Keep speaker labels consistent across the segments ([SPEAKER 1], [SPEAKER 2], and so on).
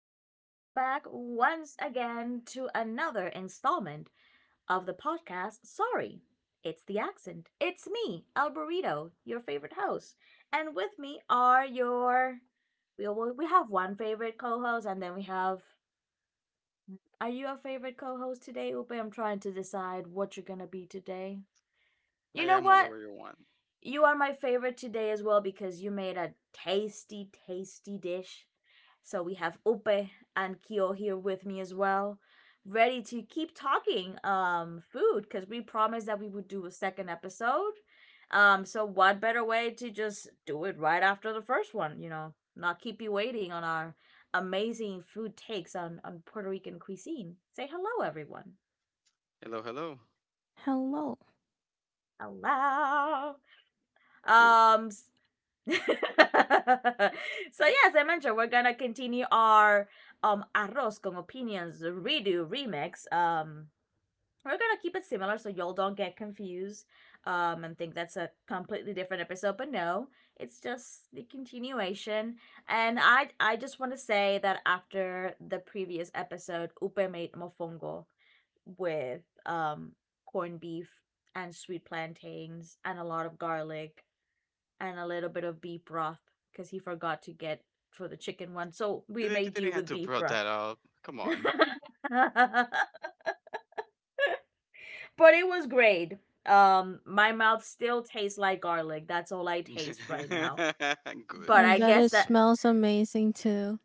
[SPEAKER 1] Welcome back once again to another installment of the podcast. Sorry, it's the accent. It's me, El Burrito, your favorite host. And with me are your. We, we have one favorite co host, and then we have. Are you a favorite co host today, Upe? I'm trying to decide what you're going to be today.
[SPEAKER 2] I
[SPEAKER 1] You know
[SPEAKER 2] am
[SPEAKER 1] what?
[SPEAKER 2] whatever you want.
[SPEAKER 1] You are my favorite today as well because you made a tasty, tasty dish. So we have Ope and Kyo here with me as well, ready to keep talking food because we promised that we would do a second episode. So what better way to just do it right after the first one, not keep you waiting on our amazing food takes on Puerto Rican cuisine. Say hello, everyone.
[SPEAKER 2] Hello, hello.
[SPEAKER 3] Hello.
[SPEAKER 1] Hello.
[SPEAKER 2] Beautiful.
[SPEAKER 1] Um, so yeah, as I mentioned, we're gonna continue our arroz con opinions redo remix. We're gonna keep it similar so y'all don't get confused and think that's a completely different episode. But no, it's just the continuation. And I just want to say that after the previous episode, Upe made mofongo with corned beef and sweet plantains and a lot of garlic and a little bit of beef broth because he forgot to get for the chicken one. So
[SPEAKER 2] You
[SPEAKER 1] we
[SPEAKER 2] didn't, you
[SPEAKER 1] made do
[SPEAKER 2] didn't have
[SPEAKER 1] with
[SPEAKER 2] to
[SPEAKER 1] beef
[SPEAKER 2] brought
[SPEAKER 1] broth.
[SPEAKER 2] that up. Come on.
[SPEAKER 1] But it was great. My mouth still tastes like garlic. That's all I taste right now.
[SPEAKER 2] Good.
[SPEAKER 1] But
[SPEAKER 3] I
[SPEAKER 1] I
[SPEAKER 3] bet
[SPEAKER 1] guess
[SPEAKER 3] it
[SPEAKER 1] that
[SPEAKER 3] smells amazing too.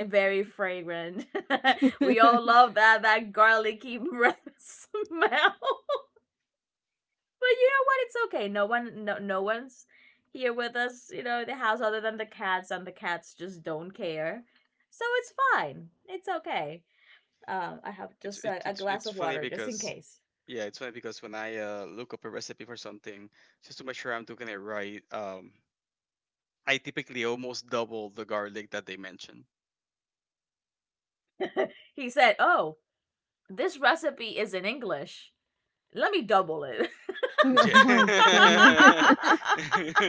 [SPEAKER 1] very fragrant. We all
[SPEAKER 3] oh
[SPEAKER 1] love that garlicky breath smell. But you know what? It's okay. No one's here with us. You know, in the house other than the cats, and the cats just don't care. So it's fine. It's okay. I have
[SPEAKER 2] it's
[SPEAKER 1] just
[SPEAKER 2] it,
[SPEAKER 1] a
[SPEAKER 2] it's
[SPEAKER 1] glass
[SPEAKER 2] it's
[SPEAKER 1] of
[SPEAKER 2] funny
[SPEAKER 1] water just in
[SPEAKER 2] because,
[SPEAKER 1] case.
[SPEAKER 2] yeah, it's funny because when I, look up a recipe for something just to make sure I'm doing it right. I typically almost double the garlic that they mention.
[SPEAKER 1] He said, "Oh, this recipe is in English. Let me double it."
[SPEAKER 3] my
[SPEAKER 2] Yeah.
[SPEAKER 3] goodness.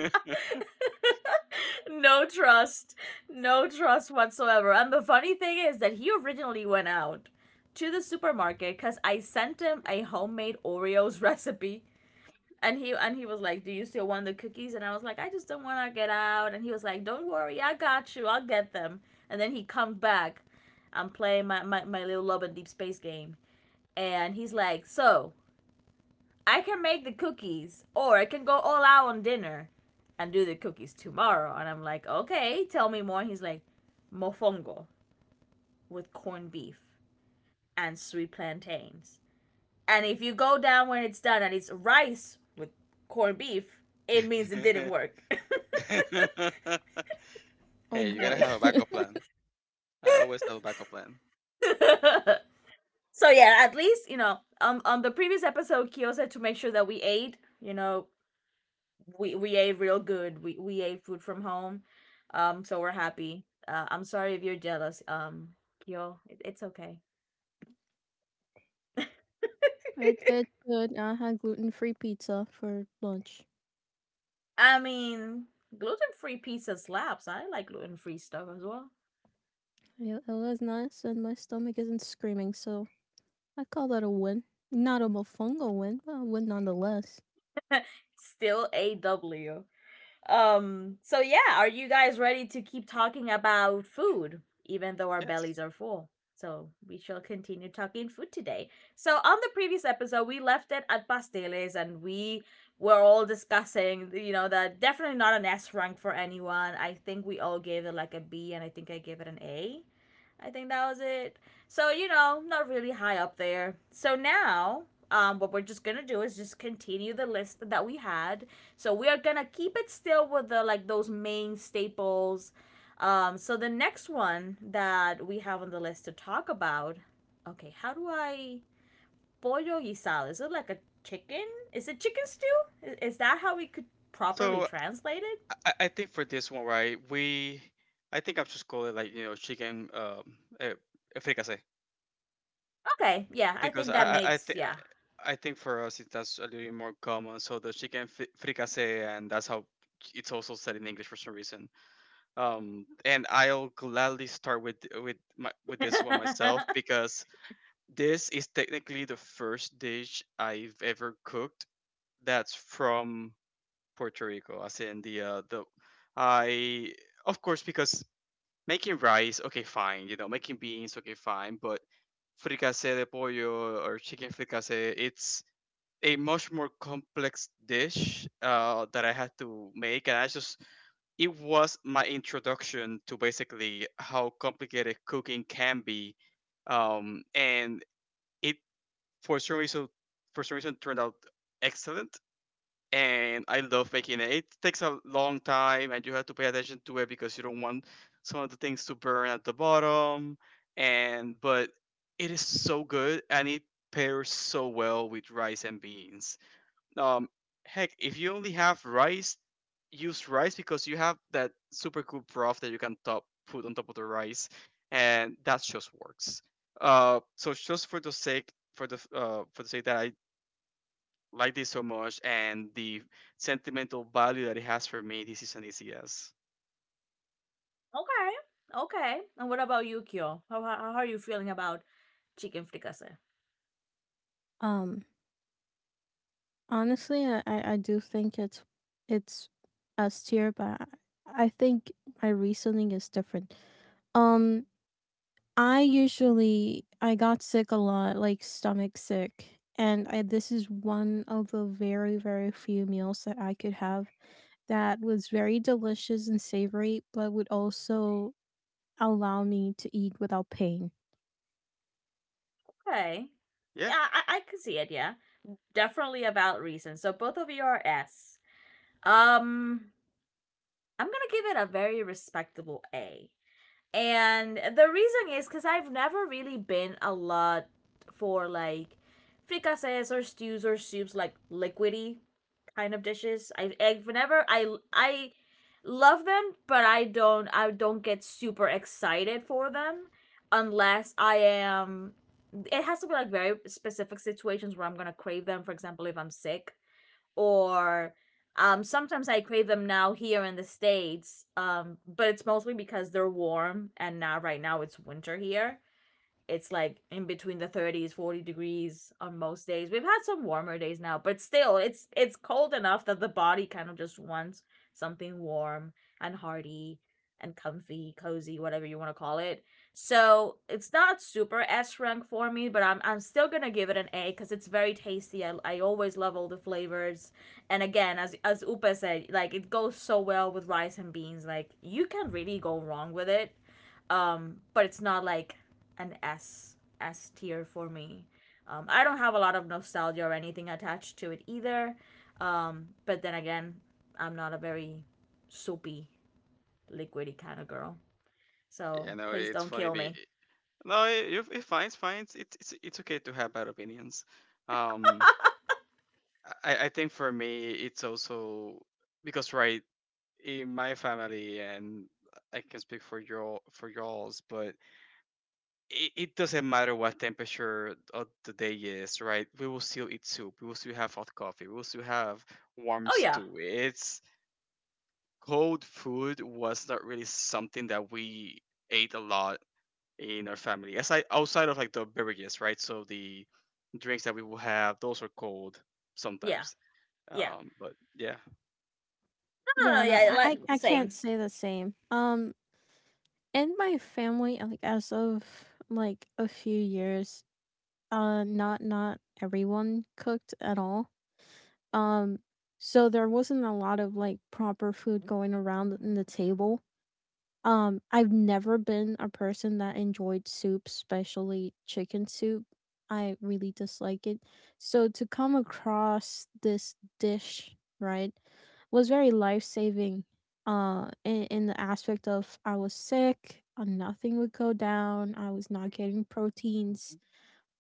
[SPEAKER 1] No trust, whatsoever. And the funny thing is that he originally went out to the supermarket because I sent him a homemade Oreos recipe. And he was like, "Do you still want the cookies?" And I was like, "I just don't want to get out." And he was like, "Don't worry, I got you. I'll get them." And then he comes back. I'm playing my little love and deep space game, and he's like, "So I can make the cookies, or I can go all out on dinner, and do the cookies tomorrow." And I'm like, "Okay, tell me more." And he's like, "Mofongo with corned beef and sweet plantains." And if you go down when it's done and it's rice with corned beef, it means it didn't work.
[SPEAKER 3] oh
[SPEAKER 2] Hey, you gotta
[SPEAKER 3] boy.
[SPEAKER 2] have a backup plan. I always have a backup plan.
[SPEAKER 1] So yeah, at least you know on the previous episode, Kyo said to make sure that we ate. You know, we ate real good. We ate food from home, So we're happy. I'm sorry if you're jealous, Kyo. It's okay.
[SPEAKER 3] It it's good. I had gluten free pizza for lunch.
[SPEAKER 1] I mean, gluten free pizza slaps. I like gluten free stuff as well.
[SPEAKER 3] It was nice and my stomach isn't screaming, so I call that a win. Not a mofongo win, but a win nonetheless.
[SPEAKER 1] Still a W. So yeah, are you guys ready to keep talking about food even though our
[SPEAKER 2] Yes.
[SPEAKER 1] bellies are full? So we shall continue talking food today. So on the previous episode we left it at pasteles, and we were all discussing, you know, that definitely not an s rank for anyone. I think we all gave it like a b, and I think I gave it an a. I think that was it. So, you know, not really high up there. So now, what we're just gonna do is just continue the list that we had. So we are gonna keep it still with the like those main staples. So the next one that we have on the list to talk about, okay, how do I pollo guisado? Is it like a chicken? Is it chicken stew? Is that how we could properly
[SPEAKER 2] so
[SPEAKER 1] translate it?
[SPEAKER 2] i, I I think for this one, right? we I think I'll just call it, like, you know, chicken, eh, fricase.
[SPEAKER 1] Okay, yeah, I
[SPEAKER 2] because
[SPEAKER 1] think
[SPEAKER 2] I
[SPEAKER 1] that
[SPEAKER 2] I I,
[SPEAKER 1] makes,
[SPEAKER 2] th-
[SPEAKER 1] yeah.
[SPEAKER 2] I think for us, it that's a little bit more common. So the chicken fricassee, and that's how it's also said in English for some reason. And I'll gladly start with my with this one myself because this is technically the first dish I've ever cooked that's from Puerto Rico, as in the, I, of course, because making rice, okay, fine, you know, making beans, okay, fine, but fricassee de pollo or chicken fricassee, it's a much more complex dish, that I had to make, and I just it was my introduction to basically how complicated cooking can be. And it for some reason, turned out excellent. And I love making it. It takes a long time, and you have to pay attention to it because you don't want some of the things to burn at the bottom, and but it is so good, and it pairs so well with rice and beans. um, Heck, if you only have rice, use rice, because you have that super cool broth that you can top put on top of the rice, and that just works. So just for the sake, that I like this so much, and the sentimental value that it has for me, this is an easy yes.
[SPEAKER 1] Okay. Okay. And what about you, Kyo? How are you feeling about chicken fricassee?
[SPEAKER 3] Um Honestly, I do think it's S tier, but I think my reasoning is different. Um I usually I got sick a lot, like stomach sick, and this is one of the very very few meals that I could have that was very delicious and savory, but would also allow me to eat without pain.
[SPEAKER 1] Okay.
[SPEAKER 2] Yeah,
[SPEAKER 1] Yeah, I can see it, yeah. Definitely a valid reason. So both of you are S. Um, I'm gonna give it a very respectable A. And the reason is because I've never really been a lot for like fricassees or stews or soups like liquidy kind of dishes. I whenever I love them, but I don't get super excited for them unless I am, it has to be like very specific situations where I'm gonna crave them. For example, if I'm sick, or sometimes I crave them now here in the states. But it's mostly because they're warm, and now right now it's winter here. It's like in between the 30s 40 degrees on most days. We've had some warmer days now, but still it's cold enough that the body kind of just wants something warm and hearty and comfy cozy, whatever you want to call it. So it's not super s rank for me, but I'm still gonna give it an a because it's very tasty. I always love all the flavors. And again, as upa said, like it goes so well with rice and beans. Like you can really go wrong with it. Um, but it's not like an S tier for me. I don't have a lot of nostalgia or anything attached to it either. But then again, I'm not a very soapy, liquidy kind of girl.
[SPEAKER 2] yeah,
[SPEAKER 1] So
[SPEAKER 2] no,
[SPEAKER 1] please
[SPEAKER 2] it's
[SPEAKER 1] don't
[SPEAKER 2] funny.
[SPEAKER 1] kill
[SPEAKER 2] Be
[SPEAKER 1] me.
[SPEAKER 2] No, it's fine, it's fine. It's okay to have bad opinions. Um, I think for me it's also because, right, in my family and I can speak for your for y'all's, but it doesn't matter what temperature of the day is, right? We will still eat soup. We will still have hot coffee. We will still have warm
[SPEAKER 1] Oh yeah,
[SPEAKER 2] stew. It's Cold food was not really something that we ate a lot in our family. Aside Outside of, like, the beverages, right? So the drinks that we will have, those are cold
[SPEAKER 1] yeah,
[SPEAKER 2] sometimes.
[SPEAKER 1] yeah.
[SPEAKER 2] But yeah.
[SPEAKER 1] No, no,
[SPEAKER 3] Yeah,
[SPEAKER 1] no.
[SPEAKER 3] no,
[SPEAKER 1] Yeah, like
[SPEAKER 3] I can't
[SPEAKER 1] same.
[SPEAKER 3] say the same. In my family, like as of like a few years, not not everyone cooked at all. Um, so there wasn't a lot of like proper food going around in the table. I've never been a person that enjoyed soup, especially chicken soup. I really dislike it. So to come across this dish, right, was very life-saving. In the aspect of I was sick, nothing would go down. I was not getting proteins,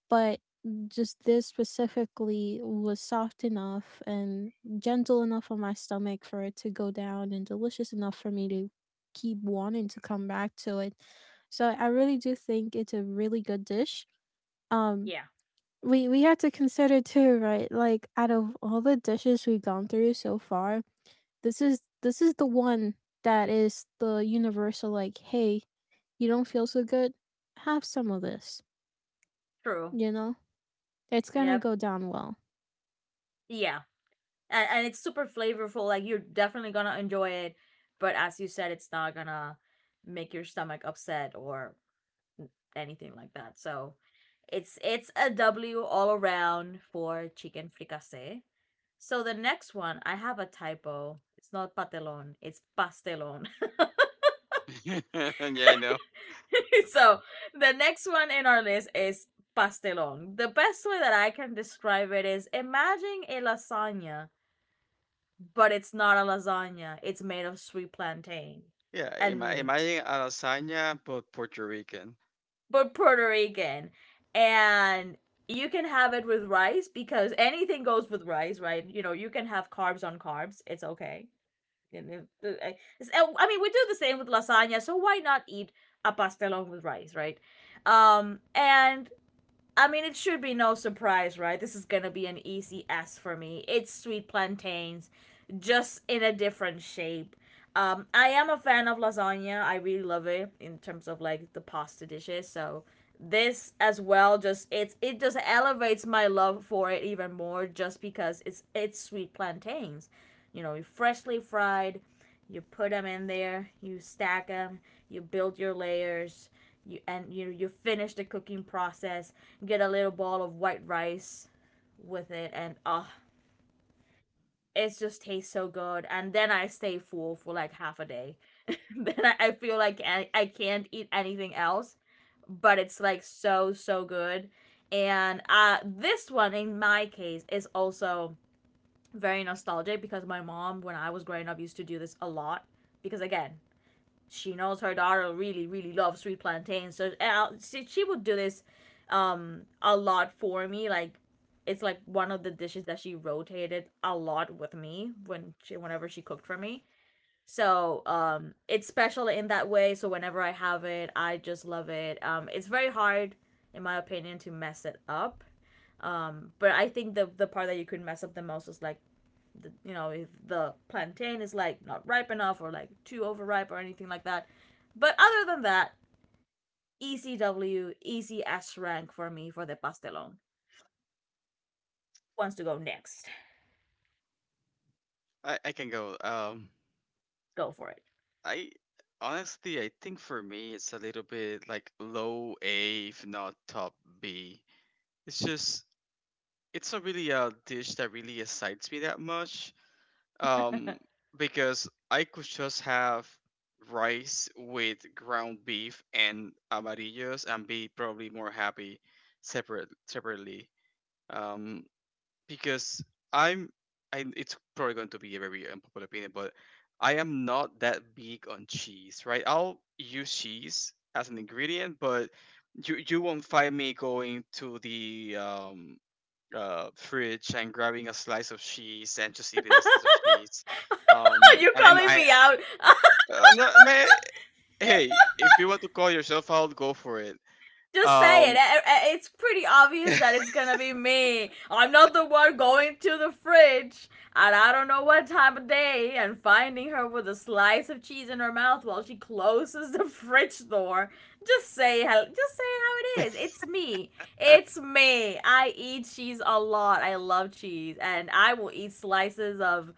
[SPEAKER 3] but just this specifically was soft enough and gentle enough on my stomach for it to go down and delicious enough for me to keep wanting to come back to it. So I really do think it's a really good dish. Um
[SPEAKER 1] Yeah,
[SPEAKER 3] we have to consider too, right? Like out of all the dishes we've gone through so far, this is the one that is the universal like, hey, you don't feel so good? Have some of this,
[SPEAKER 1] true.
[SPEAKER 3] you know? It's gonna
[SPEAKER 1] Yep.
[SPEAKER 3] go down well.
[SPEAKER 1] Yeah, and it's super flavorful. Like you're definitely gonna enjoy it. But as you said, it's not gonna make your stomach upset or anything like that. So it's a W all around for chicken fricassee. So the next one, I have a typo. It's not patelon, it's pastelon.
[SPEAKER 2] Yeah, I know.
[SPEAKER 1] So the next one in our list is pastelon. The best way that I can describe it is imagine a lasagna, but it's not a lasagna. It's made of sweet plantain
[SPEAKER 2] Yeah, am
[SPEAKER 1] and
[SPEAKER 2] I am I
[SPEAKER 1] meat
[SPEAKER 2] a lasagna but Puerto Rican?
[SPEAKER 1] but Puerto Rican. And you can have it with rice because anything goes with rice, right? You know, you can have carbs on carbs. It's okay. I I mean, we do the same with lasagna, so why not eat a pastelon with rice, right? And I mean, it should be no surprise, right? This is gonna be an easy S for me. It's sweet plantains, just in a different shape. I am a fan of lasagna. I really love it in terms of like the pasta dishes. So this as well, just it just elevates my love for it even more, just because it's sweet plantains. You know, freshly fried, you put them in there, you stack them, you build your layers, you and you you finish the cooking process. Get a little ball of white rice with it, and oh, it just tastes so good. And then I stay full for like half a day. Then I feel like I can't eat anything else, but it's like so good. And this one in my case is also very nostalgic because my mom, when I was growing up, used to do this a lot. Because again, she knows her daughter really really loves sweet plantains, so she would do this a lot for me. Like it's like one of the dishes that she rotated a lot with me when she whenever she cooked for me. So it's special in that way, so whenever I have it I just love it. It's very hard in my opinion to mess it up. But I think the part that you could mess up the most is like the, you know, if the plantain is like not ripe enough or like too overripe or anything like that. But other than that, ECW, easy S rank for me for the pastelon. Wants to go next?
[SPEAKER 2] I can go.
[SPEAKER 1] Go for it.
[SPEAKER 2] I Honestly, I think for me it's a little bit like low A, if not top B. It's just, it's not really a dish that really excites me that much. Um, because I could just have rice with ground beef and amarillos and be probably more happy separately. Um, because, I'm I it's probably going to be a very unpopular opinion, but I am not that big on cheese, right? I'll use cheese as an ingredient, but you won't find me going to the, fridge and grabbing a slice of cheese and just eating the slice of cheese.
[SPEAKER 1] You're
[SPEAKER 2] And then
[SPEAKER 1] calling
[SPEAKER 2] I
[SPEAKER 1] me out.
[SPEAKER 2] No, man. Hey, if you want to call yourself out, go for it.
[SPEAKER 1] Just say it.
[SPEAKER 2] Um,
[SPEAKER 1] It's pretty obvious that it's gonna be me. I'm not the one going to the fridge at I don't know what time of day and finding her with a slice of cheese in her mouth while she closes the fridge door. Just say how. Just say how it is. It's me. It's me. I eat cheese a lot. I love cheese, and I will eat slices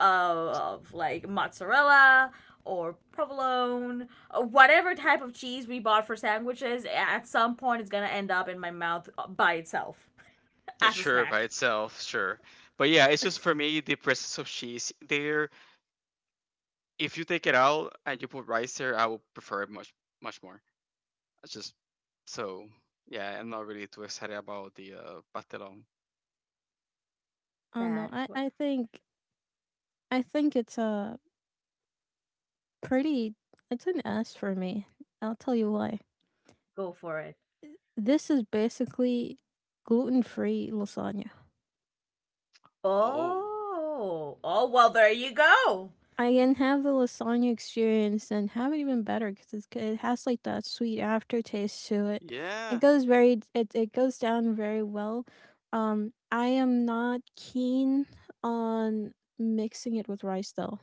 [SPEAKER 1] uh, of like mozzarella or provolone, whatever type of cheese we bought for sandwiches, at some point it's gonna end up in my mouth by itself as a
[SPEAKER 2] Sure, by
[SPEAKER 1] snack.
[SPEAKER 2] itself, sure. But yeah, it's just, for me, the presence of cheese there. If you take it out and you put rice there, I would prefer it much, much more. It's just so, yeah, I'm not really too excited about the, pastelón.
[SPEAKER 3] I don't know.
[SPEAKER 1] Bad.
[SPEAKER 3] I think it's a pretty it's an S for me. I'll tell you why.
[SPEAKER 1] Go for it.
[SPEAKER 3] This is basically gluten-free lasagna.
[SPEAKER 2] Oh.
[SPEAKER 1] Oh, oh well, there you go.
[SPEAKER 3] I can have the lasagna experience and have it even better because it has like that sweet aftertaste to it. It
[SPEAKER 2] Yeah,
[SPEAKER 3] goes very it goes down very well. I am not keen on mixing it with rice though.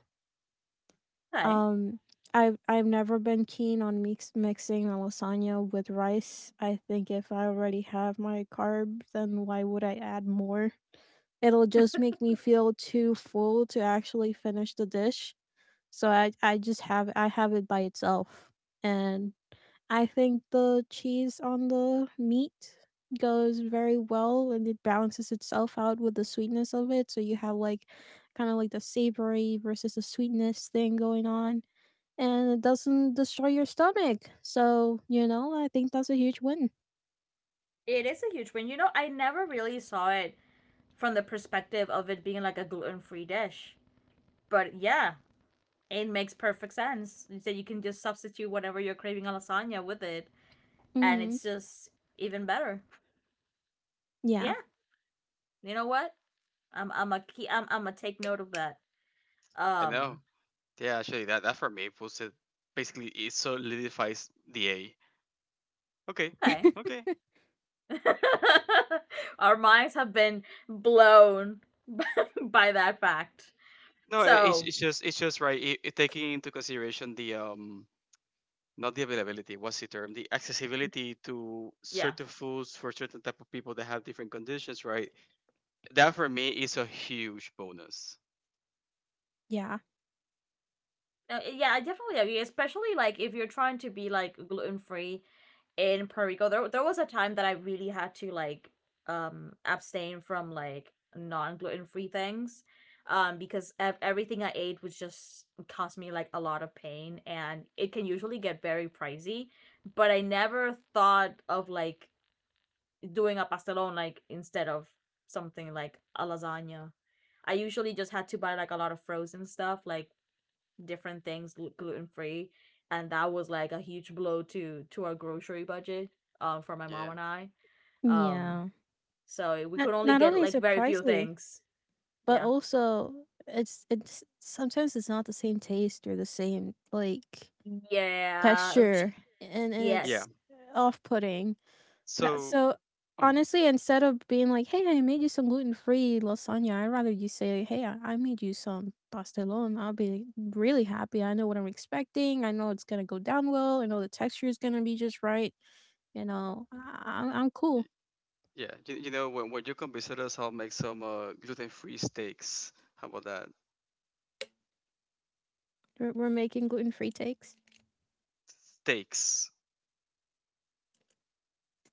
[SPEAKER 1] Okay,
[SPEAKER 3] Um, I've never been keen on mixing a lasagna with rice. I think if I already have my carbs, then why would I add more? It'll just make me feel too full to actually finish the dish. So I have it by itself. And I think the cheese on the meat goes very well and it balances itself out with the sweetness of it. So you have like kind of like the savory versus the sweetness thing going on, and it doesn't destroy your stomach. So, you know, I think that's a huge win.
[SPEAKER 1] it is a huge win. You know, I never really saw it from the perspective of it being like a gluten-free dish, but yeah, it makes perfect sense. So you can just substitute whatever you're craving a lasagna with it and
[SPEAKER 3] Hmm
[SPEAKER 1] it's just even better. Yeah,
[SPEAKER 3] Yeah,
[SPEAKER 1] you know what? I'm a key. I'm a take note of that.
[SPEAKER 2] I know.
[SPEAKER 1] Um,
[SPEAKER 2] Yeah, actually, that for me puts it basically, it solidifies the A. Okay.
[SPEAKER 1] okay.
[SPEAKER 2] Okay.
[SPEAKER 1] Our minds have been blown by that fact.
[SPEAKER 2] No, it- it's
[SPEAKER 1] So
[SPEAKER 2] it's just it's just right. It, taking into consideration the, not the availability, what's the term, the accessibility to
[SPEAKER 1] yeah,
[SPEAKER 2] certain foods for certain type of people that have different conditions, right? That for me is a huge bonus.
[SPEAKER 3] yeah,
[SPEAKER 1] No, I- yeah, I definitely agree. Especially like if you're trying to be like gluten free in Puerto Rico. There was a time that I really had to like abstain from like non gluten free things, because everything I ate was just cost me like a lot of pain, and it can usually get very pricey. But I never thought of like doing a pastelón like instead of something like a lasagna. I usually just had to buy like a lot of frozen stuff, like different things gluten free, and that was like a huge blow to our grocery budget for my
[SPEAKER 2] Yeah,
[SPEAKER 1] mom and I. Um,
[SPEAKER 3] yeah.
[SPEAKER 1] so we
[SPEAKER 3] Not
[SPEAKER 1] could only
[SPEAKER 3] not
[SPEAKER 1] get
[SPEAKER 3] only is
[SPEAKER 1] like
[SPEAKER 3] it
[SPEAKER 1] very few
[SPEAKER 3] pricey,
[SPEAKER 1] things.
[SPEAKER 3] but
[SPEAKER 1] Yeah,
[SPEAKER 3] also it's sometimes it's not the same taste or the same like
[SPEAKER 1] yeah,
[SPEAKER 3] texture, and
[SPEAKER 1] yeah.
[SPEAKER 2] yeah.
[SPEAKER 3] it's off putting That
[SPEAKER 2] So,
[SPEAKER 3] so,
[SPEAKER 2] um
[SPEAKER 3] honestly, instead of being like, "Hey, I made you some gluten-free lasagna," I'd rather you say, "Hey, I made you some pastelón." I'll be really happy. I know what I'm expecting. I know it's gonna go down well. I know the texture is gonna be just right. You know, I'm cool.
[SPEAKER 2] y- yeah, you know, when, you come visit us, I'll make some, gluten-free steaks. How about that?
[SPEAKER 3] We're making gluten-free takes.
[SPEAKER 2] Steaks.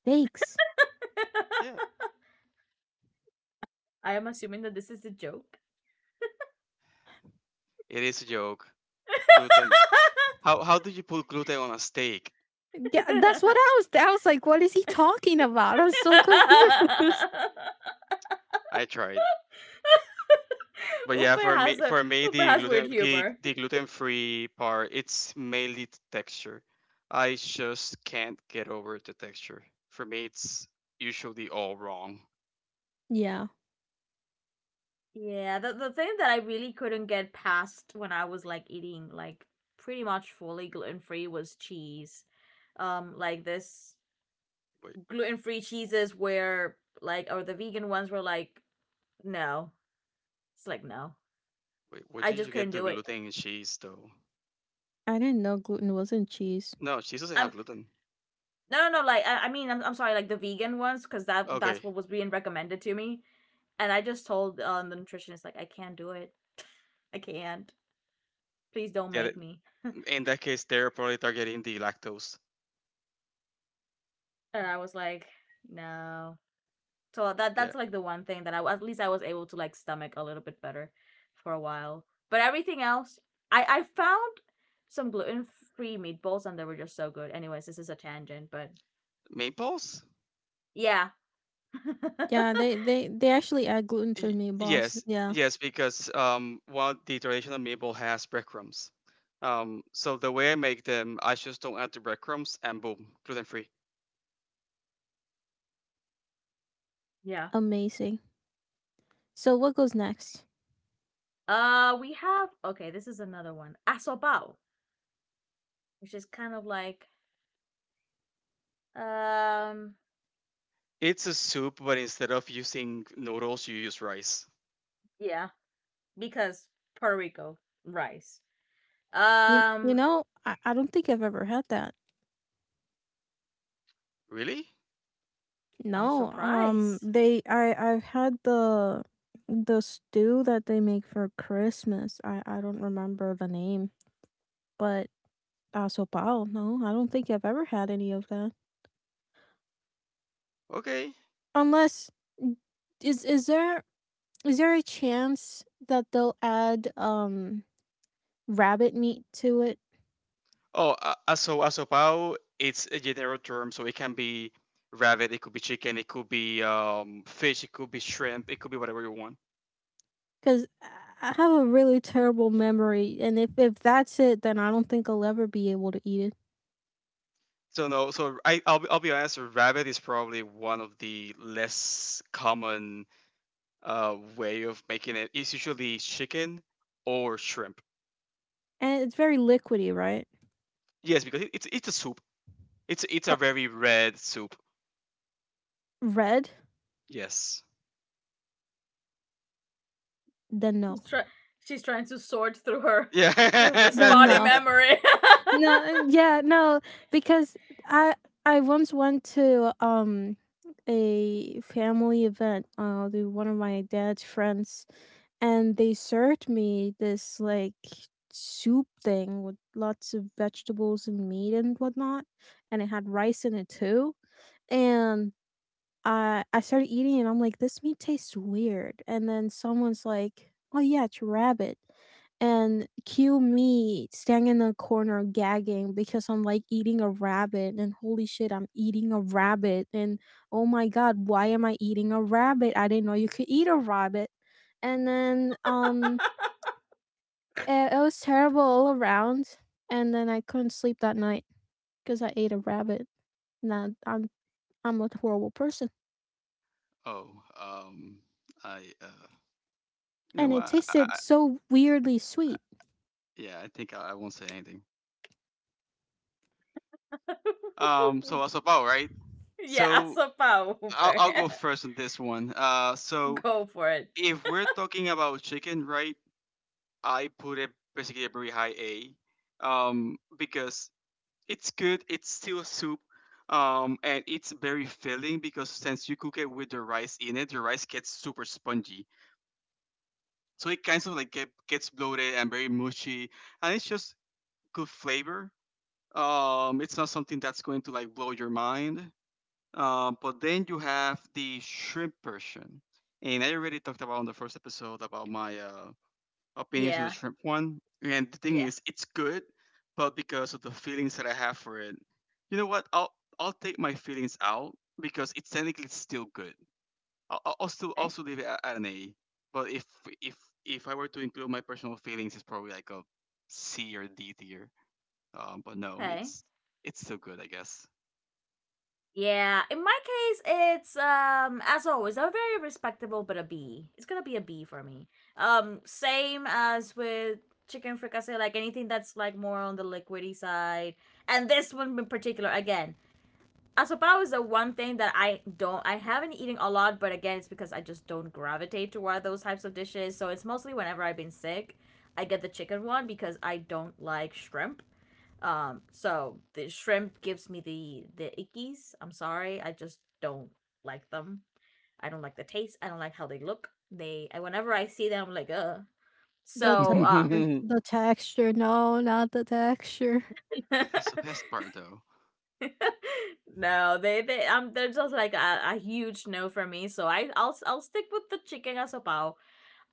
[SPEAKER 3] Steaks.
[SPEAKER 2] Yeah.
[SPEAKER 1] I am assuming that this is a joke.
[SPEAKER 2] It is a joke. gluten how how do you put gluten on a steak?
[SPEAKER 3] Yeah, that's what I was. I was like, "What is he talking about?" I'm so confused.
[SPEAKER 2] I tried. But yeah,
[SPEAKER 1] Upa
[SPEAKER 2] for
[SPEAKER 1] has
[SPEAKER 2] me,
[SPEAKER 1] a
[SPEAKER 2] for me,
[SPEAKER 1] Upa has weird humor.
[SPEAKER 2] the gluten free part, it's mainly the texture. I just can't get over the texture. For me, it's usually all wrong.
[SPEAKER 3] yeah,
[SPEAKER 1] Yeah, the thing that I really couldn't get past when I was like eating like pretty much fully gluten free was cheese. Like this
[SPEAKER 2] Wait,
[SPEAKER 1] gluten free cheeses where like or the vegan ones were like no, it's like no,
[SPEAKER 2] wait, where
[SPEAKER 1] I
[SPEAKER 2] did
[SPEAKER 1] just
[SPEAKER 2] you get
[SPEAKER 1] couldn't
[SPEAKER 2] the
[SPEAKER 1] do it.
[SPEAKER 2] gluten in cheese though?
[SPEAKER 3] I didn't know gluten wasn't cheese.
[SPEAKER 2] No, cheese doesn't have
[SPEAKER 1] Um,
[SPEAKER 2] gluten.
[SPEAKER 1] no, no, no, like I mean, I'm sorry, like the vegan ones because that
[SPEAKER 2] Okay,
[SPEAKER 1] that's what was being recommended to me, and I just told the nutritionist like I can't do it, I can't. Please don't
[SPEAKER 2] yeah.
[SPEAKER 1] make me.
[SPEAKER 2] In that case, they're probably targeting the lactose.
[SPEAKER 1] And I was like, no, so that
[SPEAKER 2] Yeah,
[SPEAKER 1] that's like the one thing that I at least I was able to like stomach a little bit better for a while. But everything else, I found some gluten free meatballs and they were just so good. Anyways, this is a tangent, but
[SPEAKER 2] meatballs.
[SPEAKER 1] yeah,
[SPEAKER 3] Yeah, they actually add gluten to meatballs.
[SPEAKER 2] Yes,
[SPEAKER 3] Yeah,
[SPEAKER 2] yes, because, one the traditional maple has breadcrumbs. So the way I make them, I just don't add the breadcrumbs, and boom, gluten free.
[SPEAKER 1] yeah.
[SPEAKER 3] amazing. So what goes next?
[SPEAKER 1] We have okay. This is another one, asopao, which is kind of like um
[SPEAKER 2] It's a soup, but instead of using noodles, you use rice.
[SPEAKER 1] yeah because Puerto Rico rice.
[SPEAKER 3] You
[SPEAKER 1] Um,
[SPEAKER 3] know, I don't think I've ever had that.
[SPEAKER 2] Really?
[SPEAKER 1] I'm
[SPEAKER 3] No.
[SPEAKER 1] surprised
[SPEAKER 3] They I've had the stew that they make for Christmas. I don't remember the name, but sopao. No, I don't think I've ever had any of that.
[SPEAKER 2] Okay.
[SPEAKER 3] Unless n- is there is there a chance that they'll add rabbit meat to it?
[SPEAKER 2] Oh, asopao. It's a general term, so it can be rabbit, it could be chicken, it could be, fish, it could be shrimp, it could be whatever you want.
[SPEAKER 3] Cuz I have a really terrible memory, and if that's it, then I don't think I'll ever be able to eat it.
[SPEAKER 2] So no, so I'll be honest. Rabbit is probably one of the less common, way of making it is usually chicken or shrimp.
[SPEAKER 3] And it's very liquidy, right?
[SPEAKER 2] Yes, because it's a soup. It's a
[SPEAKER 3] Uh,
[SPEAKER 2] very red soup.
[SPEAKER 3] red?
[SPEAKER 2] Yes.
[SPEAKER 3] Then no.
[SPEAKER 1] She's, try- she's trying to sort through her through the
[SPEAKER 3] Then
[SPEAKER 1] spotty
[SPEAKER 2] Yeah.
[SPEAKER 3] no.
[SPEAKER 1] memory.
[SPEAKER 3] No, yeah, no, because I once went to a family event to one of my dad's friends and they served me this like soup thing with lots of vegetables and meat and whatnot, and it had rice in it too, and I started eating and I'm like, this meat tastes weird. And then someone's like, oh yeah, it's rabbit. And cue me standing in the corner gagging because I'm like eating a rabbit and holy shit, I'm eating a rabbit. And oh my god, why am I eating a rabbit? I didn't know you could eat a rabbit. And then it, it was terrible all around. And then I couldn't sleep that night because I ate a rabbit. Now I'm a horrible person.
[SPEAKER 2] Oh. Um. I. You know
[SPEAKER 3] And
[SPEAKER 2] what?
[SPEAKER 3] it tasted so weirdly sweet.
[SPEAKER 2] Yeah. I think, I won't say anything. So that's about right.
[SPEAKER 1] yeah,
[SPEAKER 2] So
[SPEAKER 1] somehow.
[SPEAKER 2] I'll go first on this one. So
[SPEAKER 1] Go for it.
[SPEAKER 2] if we're talking about chicken, right? I put it basically a very high A. Because it's good. It's still a soup, and it's very filling because, since you cook it with the rice in it, the rice gets super spongy. So it kind of, like, gets bloated and very mushy, and it's just good flavor. It's not something that's going to, like, blow your mind. But then you have the shrimp version, and I already talked about on the first episode about my, opinions on the
[SPEAKER 1] Yeah.
[SPEAKER 2] shrimp one. And the thing
[SPEAKER 1] Yeah.
[SPEAKER 2] is, it's good, but because of the feelings that I have for it, you know what? I'll take my feelings out because it's technically still good. I'll still
[SPEAKER 1] Okay.
[SPEAKER 2] also leave it at an A. But if if I were to include my personal feelings, it's probably like a C or D tier. But no,
[SPEAKER 1] Okay.
[SPEAKER 2] it's still good, I guess.
[SPEAKER 1] Yeah. In my case, it's as always, a very respectable, but a B. It's gonna be a B for me. Same as with chicken fricassee, like anything that's like more on the liquidy side, and this one in particular. Again, Asopao is the one thing that I don't. I haven't eaten a lot, but again, it's because I just don't gravitate toward those types of dishes. So it's mostly whenever I've been sick, I get the chicken one because I don't like shrimp. So the shrimp gives me the ickies. I'm sorry, I just don't like them. I don't like the taste. I don't like how they look. Whenever I see them, I'm like, ugh. So
[SPEAKER 3] The texture, no, not the texture.
[SPEAKER 2] That's the best part, though.
[SPEAKER 1] no, they they're just like a huge no for me. So I'll stick with the chicken asopao.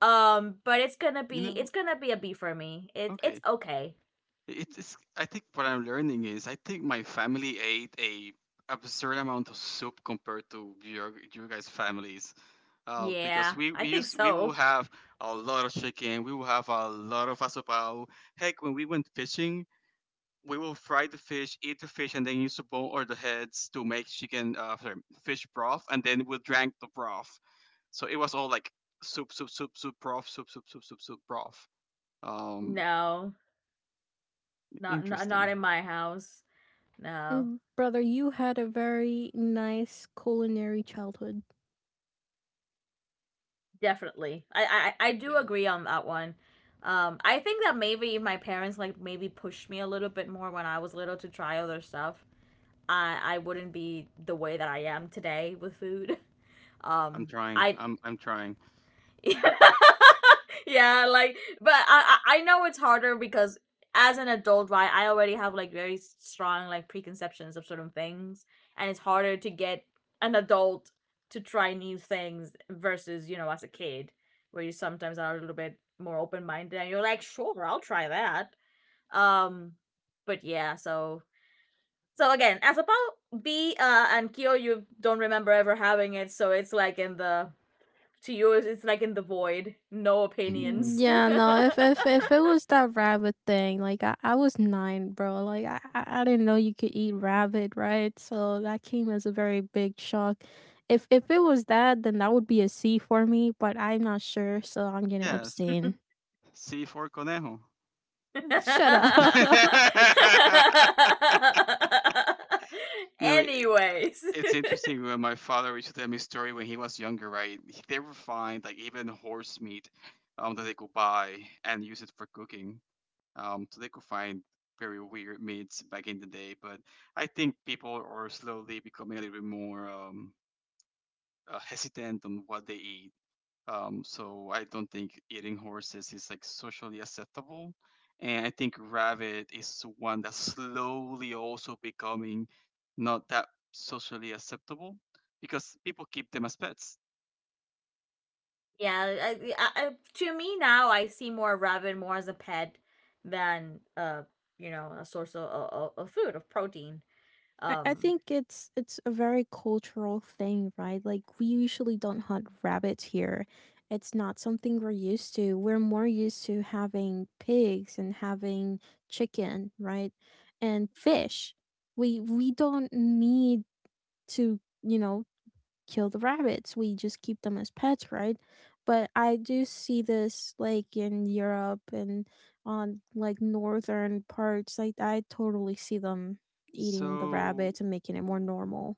[SPEAKER 1] But
[SPEAKER 2] You
[SPEAKER 1] it's
[SPEAKER 2] know,
[SPEAKER 1] gonna be a B for me. It it's
[SPEAKER 2] okay.
[SPEAKER 1] okay.
[SPEAKER 2] It is. I think what I'm learning is I think my family ate a absurd amount of soup compared to your guys' families, because
[SPEAKER 1] Yeah, I think
[SPEAKER 2] we will
[SPEAKER 1] so.
[SPEAKER 2] have a lot of chicken, we will have a lot of asopao. Heck, when we went fishing, we will fry the fish, eat the fish, and then use the bone or the heads to make chicken, sorry, fish broth, and then we drank the broth. So it was all like soup, soup, soup, soup, broth, soup, soup, soup, soup, soup, broth. Um,
[SPEAKER 1] No, not
[SPEAKER 2] Interesting.
[SPEAKER 1] in my house. No,
[SPEAKER 3] Mm, brother, you had a very nice culinary childhood.
[SPEAKER 1] definitely. I do
[SPEAKER 2] Yeah.
[SPEAKER 1] agree on that one. I think that maybe if my parents like maybe pushed me a little bit more when I was little to try other stuff, I wouldn't be the way that I am today with food.
[SPEAKER 2] I'm
[SPEAKER 1] Um,
[SPEAKER 2] trying.
[SPEAKER 1] I
[SPEAKER 2] I'm trying.
[SPEAKER 1] yeah, like, but I know it's harder because as an adult, right, I already have like very strong like preconceptions of certain things, and it's harder to get an adult to try new things versus you know as a kid where you sometimes are a little bit more open minded and you're like sure I'll try that. Um, but yeah, so again, as about B and Kyo, you don't remember ever having it, so it's like in the to you it's like in the void, no opinions.
[SPEAKER 3] Yeah, no, if if if it was that rabbit thing, like I was nine, bro. Like I didn't know you could eat rabbit, right? So that came as a very big shock. If it was that, then that would be a C for me, but I'm not sure, so I'm gonna
[SPEAKER 2] Yes,
[SPEAKER 3] abstain.
[SPEAKER 2] C for conejo.
[SPEAKER 3] Shut up.
[SPEAKER 2] You know,
[SPEAKER 1] Anyways,
[SPEAKER 2] it's interesting when my father used to tell me a story when he was younger, right? They would find, like, even horse meat, that they could buy and use it for cooking. So they could find very weird meats back in the day. But I think people are slowly becoming a little bit more, hesitant on what they eat. So I don't think eating horses is, like, socially acceptable. And I think rabbit is one that's slowly also becoming not that socially acceptable because people keep them as pets.
[SPEAKER 1] yeah, to me now, I see more rabbit more as a pet than you know, a source of, of food of protein.
[SPEAKER 3] I
[SPEAKER 1] Um,
[SPEAKER 3] think it's a very cultural thing, right? Like we usually don't hunt rabbits here. It's not something we're used to. We're more used to having pigs and having chicken, right? And fish. We don't need to, you know, kill the rabbits. We just keep them as pets, right? But I do see this like in Europe and on like northern parts. Like I totally see them eating the
[SPEAKER 2] So,
[SPEAKER 3] rabbits and making it more
[SPEAKER 2] w-
[SPEAKER 3] normal.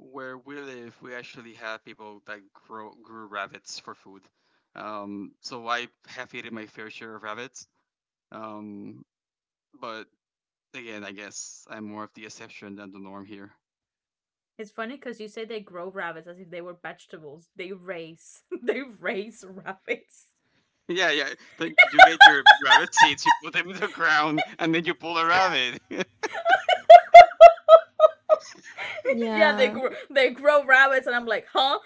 [SPEAKER 2] where we live, we actually have people that grow grew rabbits for food. So I have eaten my fair share of rabbits. Um, but again, I guess I'm more of the exception than the norm here.
[SPEAKER 1] it's funny because you say they grow rabbits as if they were vegetables. They raise, they raise rabbits.
[SPEAKER 2] Yeah, yeah. Don't you get your rabbit seeds? You put them in the ground, and then you pull a rabbit.
[SPEAKER 1] yeah,
[SPEAKER 3] Yeah.
[SPEAKER 1] they grow rabbits, and I'm like, huh?